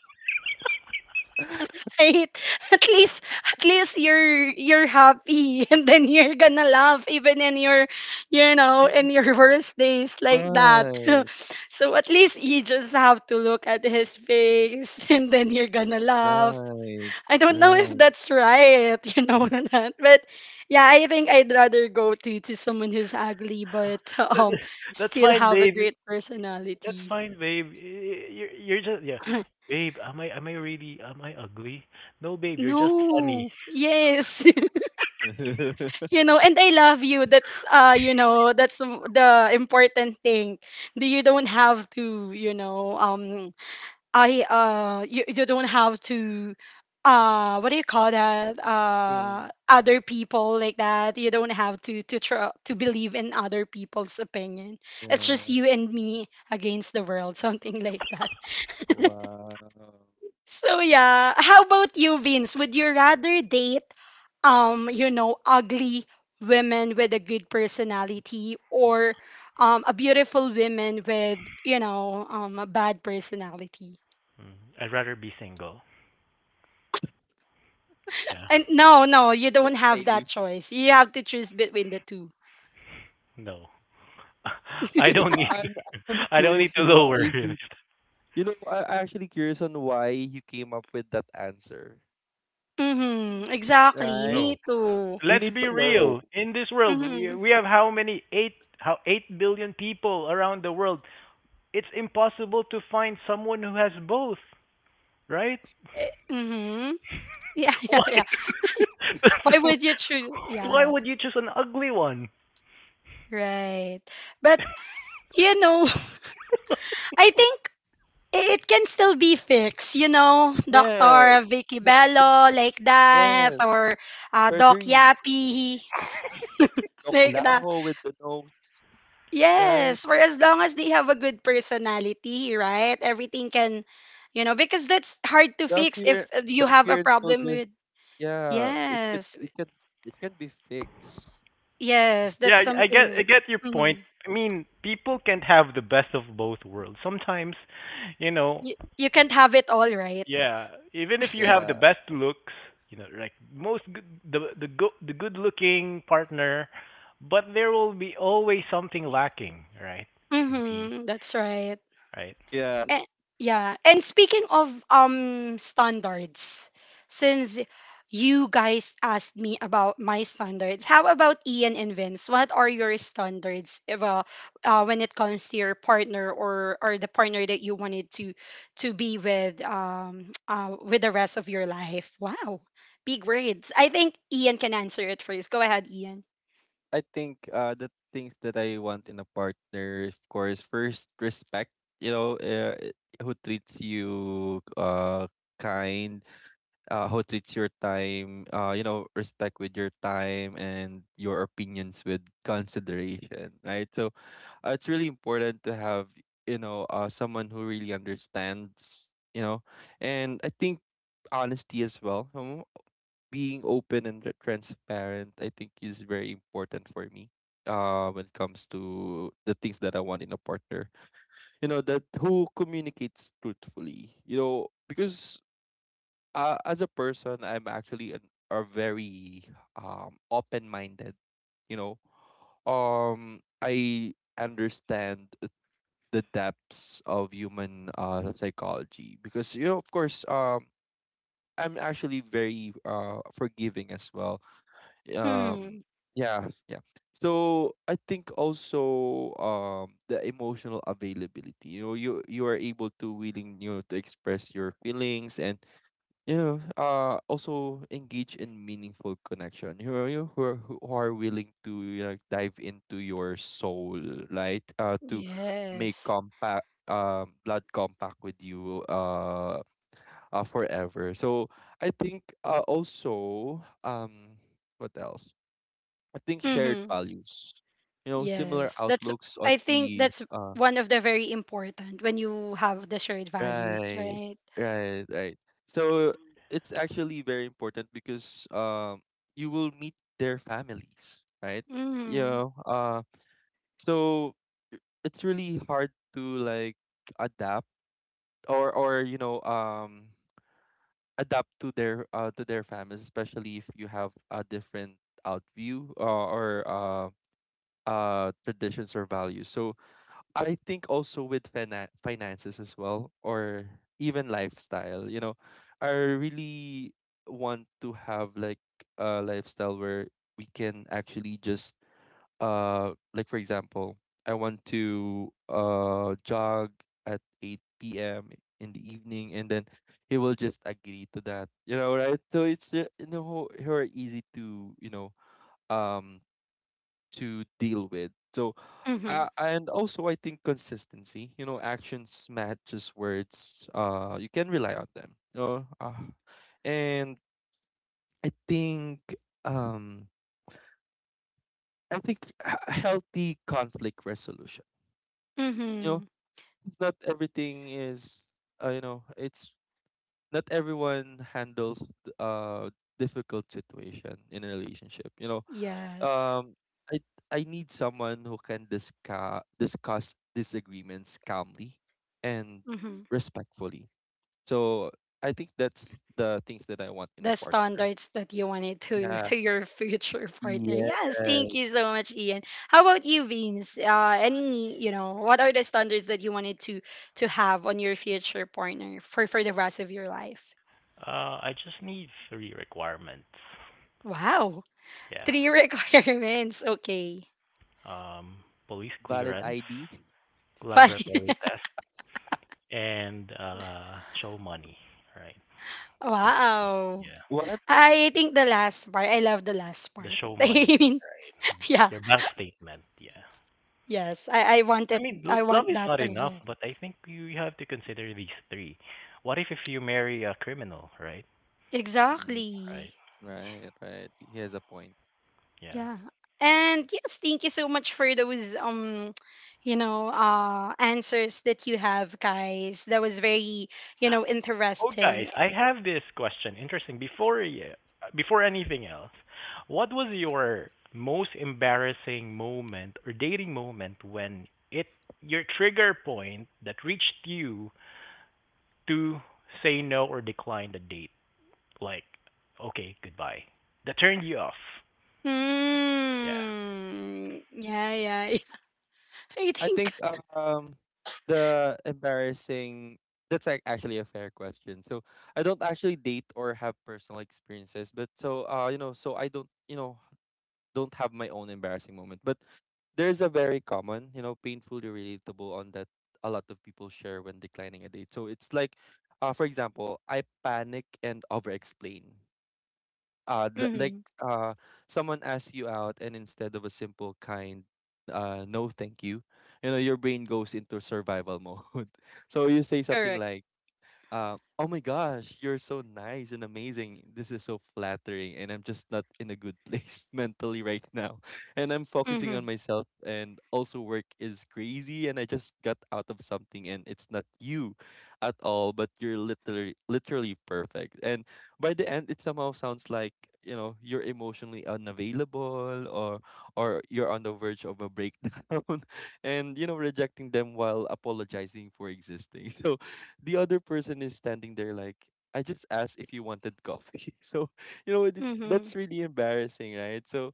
A: At least, at least you're happy. And then you're gonna laugh even in your, you know,
B: Mm,
A: in your worst days like that.
B: right,
A: So at least you just have to look at his face and then you're gonna laugh.
B: right,
A: I don't know if
B: right.
A: that's right, you know, or not. But yeah, I think I'd rather go to someone who's ugly but
C: That- That's
A: still
C: fine,
A: have a
C: babe.
A: great
C: That's
A: personality.
C: fine, babe. You're just yeah, babe. Am I really am I ugly? No, babe. You're just funny.
A: No. Yes. You know, and I love you. That's you know, that's the important thing. Do you don't have to, you don't have to what do you call that,
B: Thing.
A: other people like that. You don't have to believe in other people's opinion. It's just
B: Yeah.
A: you and me against the world, something like that.
B: Wow.
A: So yeah, how about you, Vince? Would you rather date you know, ugly women with a good personality, or a beautiful woman with, you know, a bad personality?
C: Mm, I'd rather be single. Yeah.
A: And no, no, you don't have that
B: Why?
A: choice. You have to choose between the two.
C: No. I
B: You know,
C: don't need.
B: I'm actually
C: I don't need
B: curious
C: to
B: on why
C: lower.
B: he, you know, I'm actually curious on why you came up with that answer.
A: Mm-hmm. Exactly.
B: Right?
A: Me
C: No.
A: too.
B: We
C: Let's
B: need
C: be
B: to know.
C: real. In this world, we
A: Mm-hmm.
C: we have how many eight how 8 billion people around the world. It's impossible to find someone who has both, right?
A: Eh, mm-hmm. Yeah, yeah,
C: Why?
A: yeah. Why would you choose?
C: Why
A: Yeah,
C: would you choose an ugly one?
A: right. But, you know, I think it can still be fixed. You know,
B: Yeah.
A: Dr. Vicky
B: Never,
A: Bello, like that,
B: yes.
A: or Doc
B: Surgeries.
A: Yappy, like that.
B: Baklaho with the nose. Right?
A: Yes, for as long as they have a good personality, right? Everything can, you know, because that's hard to
B: The
A: fix if
B: appear,
A: you
B: the
A: have a
B: appearance will
A: problem
B: just,
A: with.
B: yeah, it could,
A: Yes,
B: it can be fixed.
A: yes, that's
C: Yeah, I get I
A: something.
C: get your point.
A: Hmm.
C: I mean, people can't have the best of both worlds. Sometimes, you know,
A: You can't have it all, right?
C: yeah, even if you have the
B: Yeah.
C: best looks, you know, like the good-looking partner, but there will be always something lacking, right? Could be,
A: Mm-hmm, that's right.
C: right?
B: Yeah.
A: And yeah. And speaking of standards, since you guys asked me about my standards, how about Ian and Vince? What are your standards if, when it comes to your partner, or the partner that you wanted to be with with the rest of your life? Wow. Big words. I think Ian can answer it first. Go ahead, Ian.
B: I think the things that I want in a partner, of course, first respect, you know, who treats you kind, who treats your time, you know, respect with your time and your opinions with consideration, right? So, it's really important to have, you know, someone who really understands, you know. And I think honesty as well. Huh? Being open and transparent, I think, is very important for me. When it comes to the things that I want in a partner, you know, that who communicates truthfully, you know, because as a person, I'm actually a very open minded. You know, I understand the depths of human psychology because, you know, of course, I'm actually very forgiving as well. um
A: Hmm.
B: yeah yeah So I think also, the emotional availability, you know, you are able to, willing, you know, to express your feelings and, you know, also engage in meaningful connection, you know, you who are willing to, you know, dive into your soul, right? To make
A: Yes.
B: compact, blood compact with you, forever. So I think, also, what else? I think shared
A: Mm-hmm.
B: values. You know, similar
A: Yes, that's
B: outlooks
A: I
B: on
A: think
B: key
A: that's one of the very important when you have the shared values,
B: right,
A: right?
B: right, right. So it's actually very important because, you will meet their families, right? You
A: Mhm.
B: know, so I- it's really hard to like adapt, or, you know, adapt to their families, especially if you have a different outview, or traditions or values. So I think also with finances as well, or even lifestyle. You know, I really want to have like a lifestyle where we can actually just like, for example, I want to jog at 8 p.m. in the evening, and then he will just agree to that, you know, right? So it's, you know, who easy to, you know, um to deal with. So,
A: Mhm.
B: and also I think consistency. You know, actions matches words. You can rely on them, you know? And I think, um I think h- healthy conflict resolution. You know,
A: Mhm.
B: it's not everything is you know, it's not everyone handles th- uh difficult situation in a relationship. You know,
A: Yes.
B: um I I need someone who can discuss disagreements calmly and
A: Mhm.
B: respectfully. So I think that's the things that I want in a
A: The
B: partner.
A: standards that you wanted to
B: Yeah.
A: to your future partner. Yes,
B: Yeah.
A: thank you so much, Ian. How about you, Vince? Any, you know, what are the standards that you wanted to have on your future partner for the rest of your life?
C: I just need three requirements.
A: Wow,
C: Yeah.
A: three requirements. Okay,
C: Um, police
B: Valid
C: clearance,
B: ID.
A: but
C: laboratory test, and show money, right? This thing.
A: wow.
C: Yeah.
B: What?
A: I think the last part. I love the last
C: The
A: part.
C: show money,
A: I mean,
C: right?
A: yeah,
C: Your bank statement, yeah.
A: yes. I
C: I
A: wanted.
C: mean,
A: I
C: love
A: want
C: is
A: that
C: not
A: as
C: enough,
A: well.
C: but I think you have to consider these three. What if you marry a criminal, right?
B: Mm,
A: Exactly.
C: Right.
B: right, right. He has a point.
C: Yeah.
A: Yeah. And yes, thank you so much for those you know, answers that you have, guys. That was very, you know,
C: Oh, guys,
A: interesting.
C: I have this question. Interesting. Before anything else, what was your most embarrassing moment or dating moment when it your trigger point that reached you to say no or decline the date? Like, okay, goodbye. That turned you off. Yeah.
A: Mm, yeah, yeah, yeah. I
B: I
A: think.
B: think um the embarrassing, that's like actually a fair question. So I don't actually date or have personal experiences, but, so you know, so I don't, you know, don't have my own embarrassing moment, but there's a very common, you know, painfully relatable on that a lot of people share when declining a date. So it's like, for example, I panic and over-explain. Like,
A: Mhm.
B: uh, someone asks you out, and instead of a simple, kind, no, thank you, you know, your brain goes into survival mode. So you say something
A: Correct.
B: like, oh my gosh, you're so nice and amazing. This is so flattering, and I'm just not in a good place mentally right now. And I'm focusing
A: Mhm.
B: on myself, and also work is crazy, and I just got out of something, and it's not you at all, but you're literally literally perfect. And by the end, it somehow sounds like, you know, you're emotionally unavailable, or you're on the verge of a breakdown, and, you know, rejecting them while apologizing for existing. So the other person is standing there like, I just asked if you wanted coffee. So, you know, it's, that's
A: Mhm.
B: really embarrassing, right? So,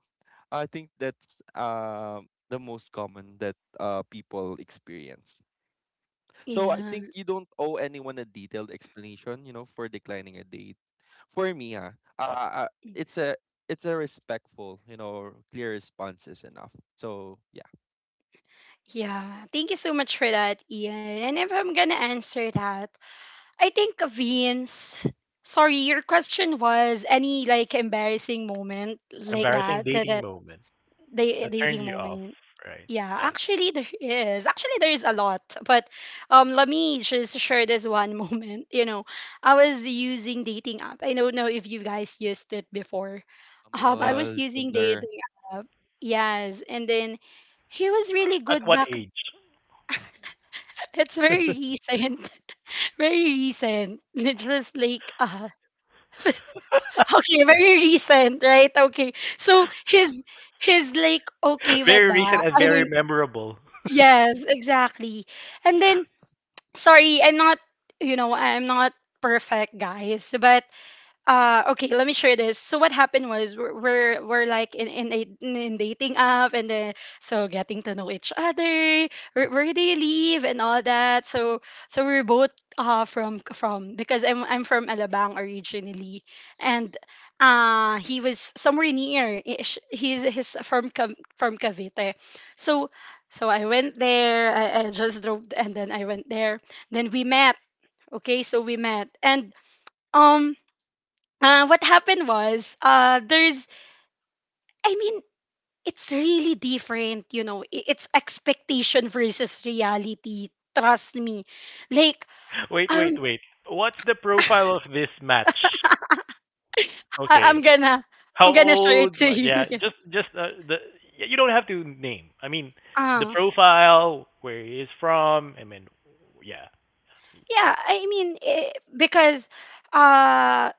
B: I think that's the most common that people experience. So, I think
A: Yeah.
B: you don't owe anyone a detailed explanation, you know, for declining a date. For me, it's a it's a respectful, you know, clear response is enough. So, yeah.
A: Yeah, thank you so much for that, Ian. And if I'm gonna answer that, I think Vince. Sorry, your question was any like embarrassing moment like
C: Embarrassing dating moment. That turned
A: dating
C: you off,
A: moment.
C: right?
A: Yeah,
C: Yeah,
A: actually there is. Actually there is a lot, but let me just share this one moment. You know, I was using dating app. I don't know if you guys used it before. Um, I
C: yeah.
A: was
B: Humble,
A: using
B: tender,
A: dating app. Yes, and then he was really
C: At
A: good
C: what
A: back.
C: age?
A: It's very recent. Very recent. It was like okay, very recent, right? Okay. So his like okay with
C: Very recent
A: that.
C: and
A: I
C: very
A: mean
C: memorable.
A: yes, exactly. And then sorry, I'm not, you know, I'm not perfect, guys, but okay, let me share this. So what happened was we're like in, a, in in dating app, and then so getting to know each other, where do you live and all that. So so we're both from because I'm from Alabang originally, and he was somewhere near ish. He's from Cavite. So so I went there, I just drove and then I went there, then we met. Okay so we met and um what happened was, there's I mean it's really different, you know. I- it's expectation versus reality, trust me. Like,
C: Wait,
A: um,
C: wait, wait. What's the profile of this match?
A: I'm
C: Okay.
A: gonna
C: How
A: show it
C: old?
A: to
C: Like,
A: you.
C: yeah, just you don't have to name. I mean, the
A: uh,
C: profile, where he is from. I mean, yeah,
A: yeah, I mean, because, uh,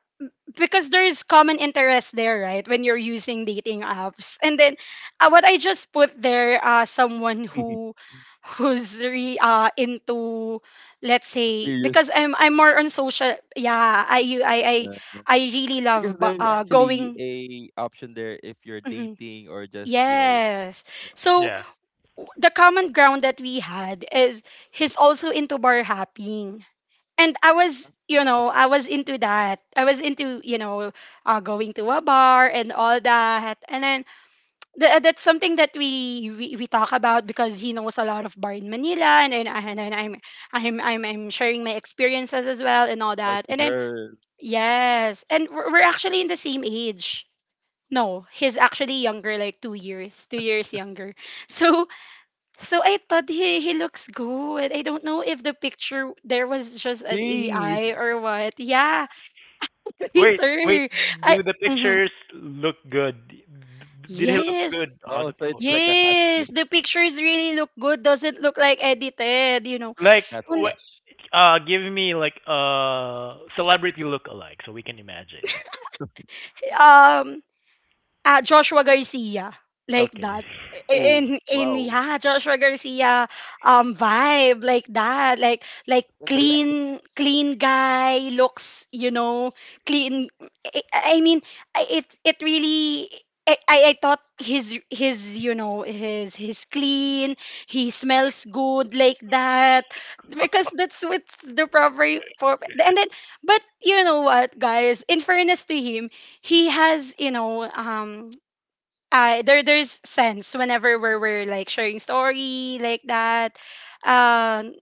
A: because there is common interest there, right? When you're using dating apps, and then what I just put there, someone who into, let's say,
B: serious.
A: because I'm more on social. Yeah, I u-
B: uh,
A: I really
B: because
A: love
B: there's actually
A: going.
B: a option there if you're
A: Mhm.
B: dating or just, you know,
A: Yes. So
C: yeah.
A: the common ground that we had is he's also into bar hopping, and I was, you know, I was into that. I was into, you know, going to a bar and all that. And then that's something that we, we talk about, because he knows a lot of bar in Manila, and then I'm sharing my experiences as well and all that.
B: party
A: And then
B: girl.
A: yes, and we're actually in the same age. No, he's actually younger, like 2 years younger. So so I thought he looks good. I don't know if the picture there was just an AI
B: Hey!
A: or what. Yeah,
C: Wait, wait.
A: later. I
C: Do the
A: mhm.
C: pictures look good? Did he look
A: Yes.
C: good on
B: Oh,
C: the
B: so it's
C: photo?
B: like a catfish.
A: Yes, the pictures really look good. Doesn't look like edited, you know.
C: Like,
A: And
B: Catfish.
C: give me like a celebrity look alike so we can imagine.
A: um Joshua Garcia, like
C: Okay.
A: that,
B: Oh,
A: in
B: wow.
A: yeah, Joshua Garcia vibe, like that, like
B: In reality,
A: clean, clean guy looks, you know, clean. I, I mean it really, I, I thought his you know, his clean, he smells good like that, because that's what's the proper for. And then, but you know what, guys, in fairness to him, he has, you know, there there's sense whenever we're like sharing story like that. Um,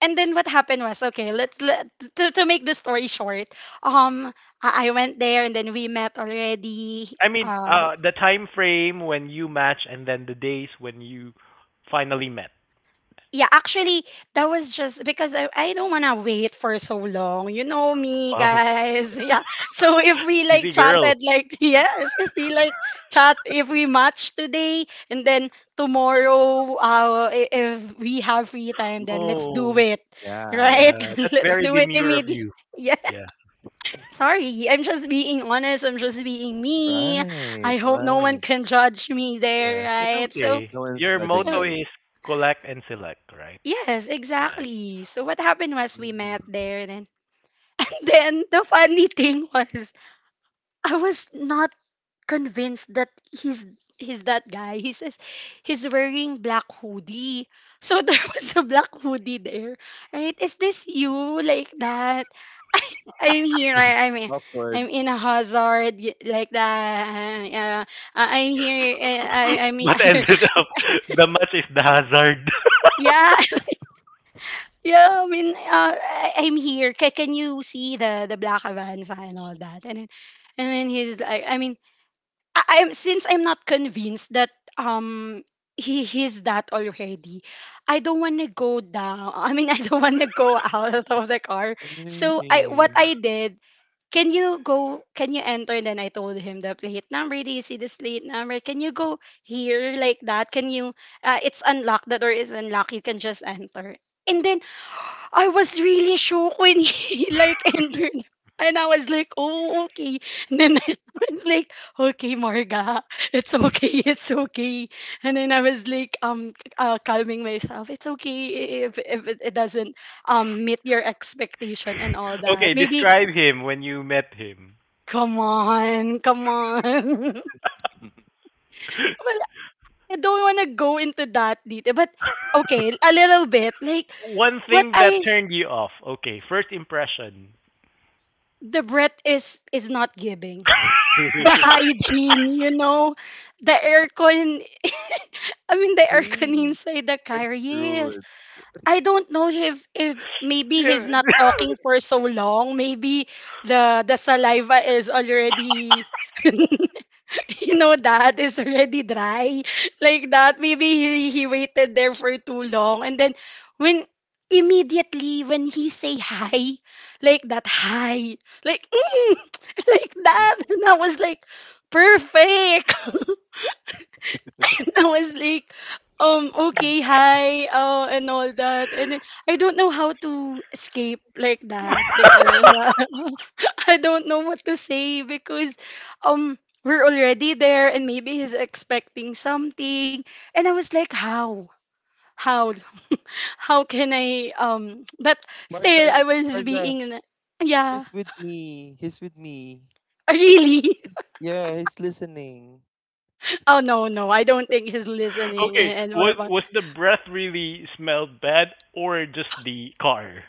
A: and then what happened was, okay, let, to make the story short, um I went there and then we met already.
C: I mean,
A: Uh,
C: the time frame when you match and then the days when you finally met.
A: yeah, actually, that was just because I don't want to wait for so long. You know me,
C: Wow.
A: guys. Yeah. So if we like
C: Easy girl.
A: chatted, like, yes, if we
B: the
A: like chat, if we match today, and then tomorrow, I- if we have free time,
B: meet
A: then
B: up.
A: let's
C: Oh,
A: do it,
B: Yeah.
A: right?
C: yeah. That's
A: Let's
C: very
A: do it
C: demure of
A: immediately.
C: you.
A: Yeah.
C: Yeah,
A: Sorry, I'm just being honest. I'm just being me.
B: Right.
A: I hope no one
B: Right.
A: can judge me
C: yeah.
A: there,
C: It's
A: right? So,
C: okay.
B: No one's
C: Your
B: judging
A: so
C: motto
B: you.
C: is collect and select, right?
A: yes,
C: Yes.
A: exactly. So what happened was we
B: Mm.
A: met there then and then the funny thing was, I was not convinced that he's that guy. He says he's wearing black hoodie. So there was a black hoodie there. Right? Is this you, like that? I, I'm here. I, I'm
B: Awkward.
A: I'm in a hazard y- like that. Uh, uh, I'm here. I'm
C: But ended up, the match is the hazard.
A: yeah. Yeah, I mean, I'm here. Can you see the black Avanza and all that? And then he's like, I mean, I'm, since I'm not convinced that um he's that already. I don't want to go down. I mean, I don't want to go out of the car. So I what
B: Hey.
A: I did. Can you go? Can you enter? And then I told him the plate number. Do you see the plate number? Can you go here, like that? Can you? It's unlocked. The door is unlocked. You can just enter. And then I was really shocked when he like entered. And I was like, oh, okay. And then I was like, okay, Marga, it's okay, it's okay. And then I was like, calming myself. It's okay if it, it doesn't meet your expectation and all that.
C: Okay,
A: Maybe,
C: describe him when you met him.
A: come on, come on. Well, I don't want to go into that detail, but okay, a little bit. Like,
C: One
A: what
C: thing that
A: I, s-
C: turned you off. Okay, first impression.
A: the breath is not giving the hygiene, you know, the aircon. I mean, the aircon
B: Hey.
A: inside the
B: That's
A: car. Yes,
B: rude.
A: I don't know if maybe he's
C: Yeah.
A: not talking for so long. Maybe the saliva is already you know, that is already dry like that, maybe he waited there for too long, and then when immediately when he say hi, like that, hi, like mm, like
B: Mhm.
A: that, and I was like perfect. And I was like, okay, hi, and all that. And then I don't know how to escape, like that, because I don't know what to say, because um we're already there, and maybe he's expecting something. And I was like, how how can I, but
B: Mark,
A: still
B: I,
A: I was
B: Marga,
A: being yeah
B: he's with me. He's with me.
A: really.
B: Yeah, he's listening.
A: Oh no, no, I don't think he's listening.
C: Okay,
A: And
C: was
A: what,
C: was the breath really smelled bad or just the car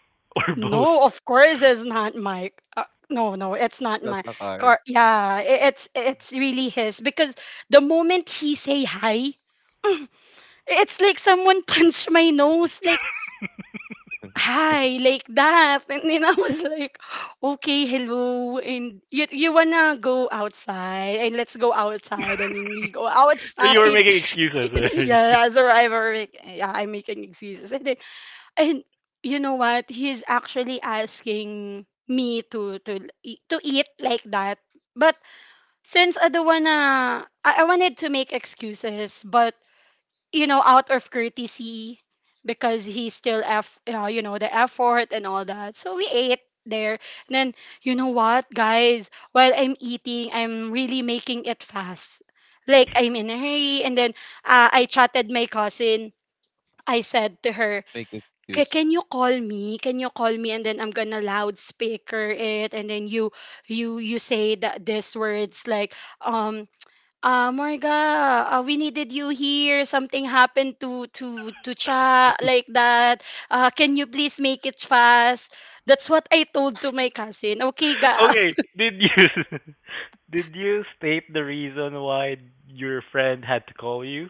C: or both?
A: no, of course it's not my uh, no, no, it's not
B: Not
A: my
B: the car.
A: car. Yeah, it's really his, because the moment he say hi, it's like someone punched my nose like hi, like that. And then I was like, okay, hello. And you wanna go outside? And let's go outside. And then we go
C: So you were
A: outside.
C: making excuses, right?
A: Yeah, so I were like, yeah, I'm making excuses. And you know what? He's actually asking me to eat like that. But since I don't wanna, I wanted to make excuses, but you know, out of courtesy because he still f you know the effort and all that. So we ate there. And then you know what, guys? While I'm eating, I'm really making it fast. Like I'm in a hurry, and then I chatted my cousin. I said to her,
B: Make excuse.
A: "Can you call me? Can you call me?" And then I'm gonna loudspeaker it, and then you say that these words like, Morga, we needed you here. Something happened to Cha like that. Can you please make it fast? That's what I told to my cousin. Okay, ga,
C: Okay, did you did you state the reason why your friend had to call you?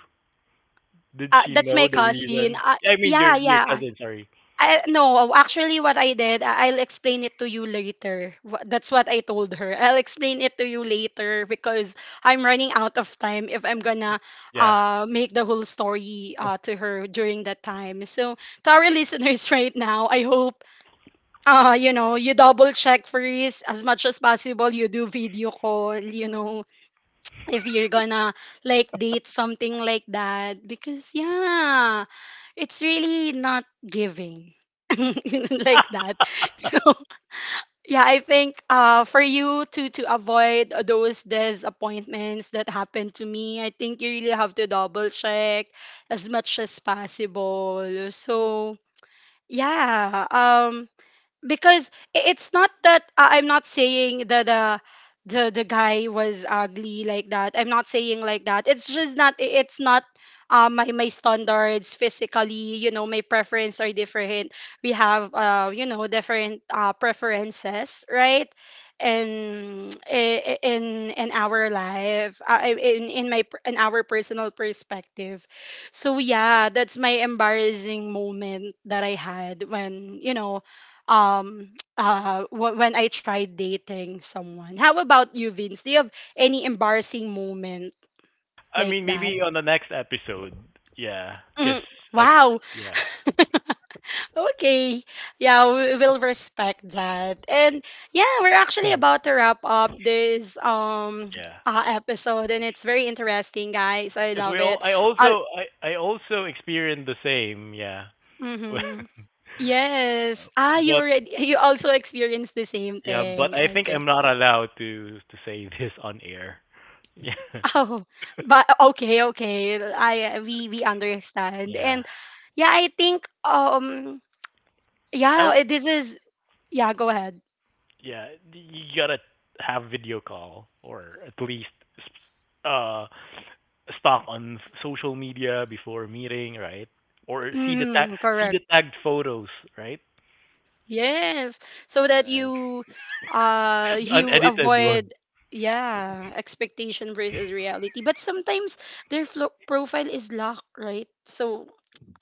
C: Did she
A: that's
C: know
A: my
C: the
A: cousin.
C: reason? I mean
A: Yeah,
C: your
A: yeah.
C: cousin, sorry.
A: I no, actually what I did, I'll explain it to you later. That's what I told her. I'll explain it to you later because I'm running out of time if I'm gonna
C: Yeah.
A: make the whole story to her during that time. So to our listeners right now, I hope you know, you double check first as much as possible, you do video call, you know, if you're gonna like date something like that, because yeah, it's really not giving like that. So yeah, I think for you to avoid those disappointments that happened to me, I think you really have to double check as much as possible. So yeah, because it's not that I'm not saying that the guy was ugly like that. I'm not saying like that. It's just not it's not my my standards physically. You know, my preference are different. We have you know different preferences, right? And in our life, in our personal perspective, so yeah, that's my embarrassing moment that I had when you know wh- when I tried dating someone. How about you, Vince? Do you have any embarrassing moment
C: I
A: like
C: mean,
A: that?
C: maybe on the next episode. Yeah, because
A: Mm,
C: I,
A: wow.
C: yeah,
A: Okay. Yeah, we will respect that. And yeah, we're actually about to wrap up this
C: yeah.
A: episode, and it's very interesting, guys. I
C: Because we
A: love
C: all,
A: it.
C: I
A: I'll,
C: also, I also experienced the same. Yeah, but
A: mhm. Yes. Ah, you already you also experienced the same
C: yeah, but
A: thing.
C: I think
A: Okay.
C: I'm not allowed to say this on air.
A: Oh, but okay, okay. I we
C: Yeah,
A: understand.
C: yeah.
A: And yeah, I think
C: I, w-
A: yeah, eh, this is yeah, go ahead.
C: yeah. You gotta have video call or at least uh stalk on social media before meeting, right? Or
A: Hmm,
C: see the
A: correct.
C: tagged photos, right?
A: Yes, so that you
C: The
A: you
C: unedited one.
A: avoid, yeah, expectation versus reality. But sometimes their flo
B: Right.
A: profile is locked, right? So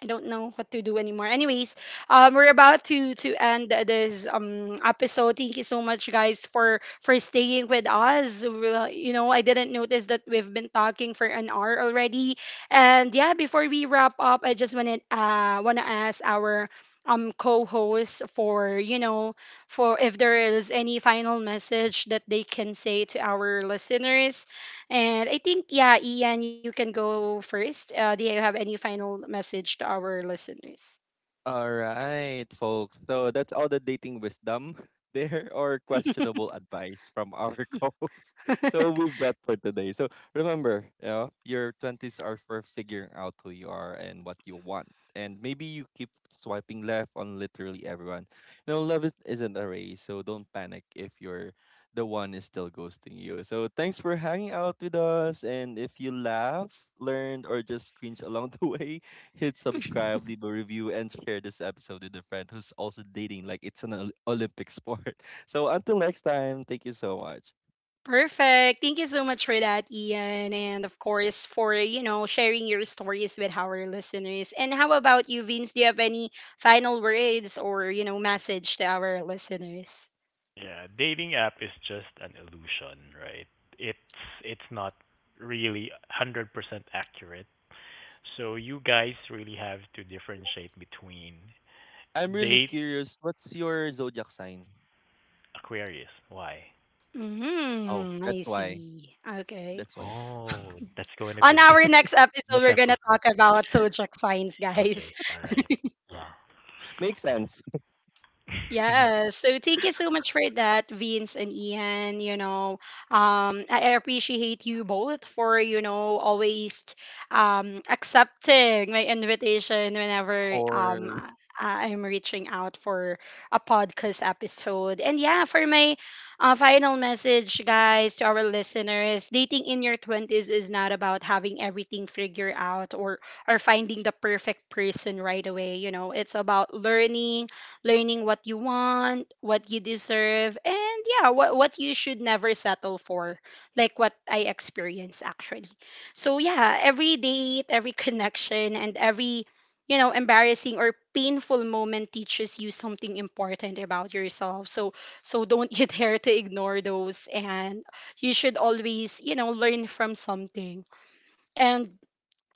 A: I don't know what to do anymore. Anyways, we're about to end this episode. Thank you so much, guys, for staying with us. Well, you know, I didn't notice that we've been talking for an hour already. And yeah, before we wrap up, I just wanna wanna ask our co-host for you know, for if there is any final message that they can say to our listeners. And I think yeah, Ian, you can go first. Do you have any final message to our listeners?
B: All right, folks. So that's all the dating wisdom there, or questionable advice from our co-host. So we've got for today. So remember, you know, your 20s are for figuring out who you are and what you want. And maybe you keep swiping left on literally everyone. You know, love isn't a race, so don't panic if you're the one is still ghosting you. So thanks for hanging out with us. And if you laugh, learned, or just cringe along the way, hit subscribe, leave a review, and share this episode with a friend who's also dating like it's an Olympic sport. So until next time, thank you so much.
A: Perfect, thank you so much for that, Ian, and of course for you know, sharing your stories with our listeners. And how about you, Vince? Do you have any final words, or you know, message to our listeners?
C: Yeah, dating app is just an illusion, right? It's it's not really 100% accurate. So you guys really have to differentiate between
B: I'm really
C: date.
B: curious, what's your zodiac sign?
C: Aquarius. Why?
B: Oh,
A: Hmm, I
B: that's why.
A: see. Okay.
B: That's why.
C: Oh, that's going to be a
A: On our
C: different
A: next episode,
C: next
A: we're gonna
C: episode.
A: talk about zodiac signs,
C: Okay,
A: guys.
C: all right.
B: Makes sense.
C: Yeah.
A: Yeah, so thank you so much for that, Vince and Ian. You know, I appreciate you both for, you know, always accepting my invitation whenever
B: Or
A: I'm reaching out for a podcast episode. And yeah, for my final message, guys, to our listeners, dating in your 20s is not about having everything figured out, or finding the perfect person right away. You know, it's about learning, learning what you want, what you deserve, and yeah, what you should never settle for, like what I experienced actually. So yeah, every date, every connection, and every you know embarrassing or painful moment teaches you something important about yourself. So so don't you dare to ignore those, and you should always you know learn from something. And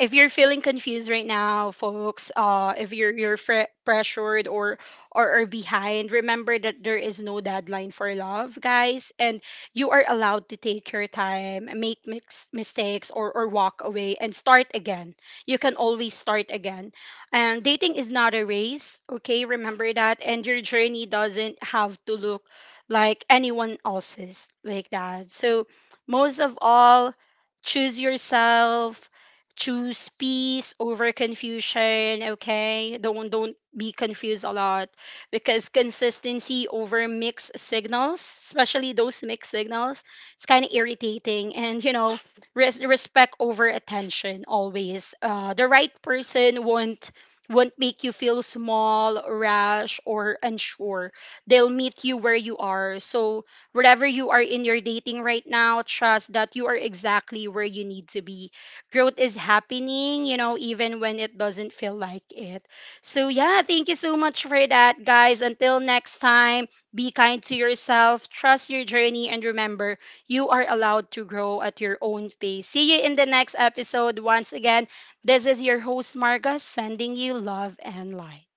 A: if you're feeling confused right now, folks, if pressured, or behind, remember that there is no deadline for love, guys, and you are allowed to take your time, make mistakes, or walk away and start again. You can always start again, and dating is not a race. Okay, remember that, and your journey doesn't have to look like anyone else's, like that. So, most of all, choose yourself, choose peace over confusion. Okay, don't be confused a lot, because consistency over mixed signals, especially those mixed signals, it's kind of irritating. And you know, respect over attention always. The right person won't make you feel small, rash, or unsure. They'll meet you where you are. So wherever you are in your dating right now, trust that you are exactly where you need to be. Growth is happening, you know, even when it doesn't feel like it. So, yeah, thank you so much for that, guys. Until next time, be kind to yourself, trust your journey, and remember, you are allowed to grow at your own pace. See you in the next episode. Once again, this is your host, Marga, sending you love and light.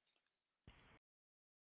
C: Bye.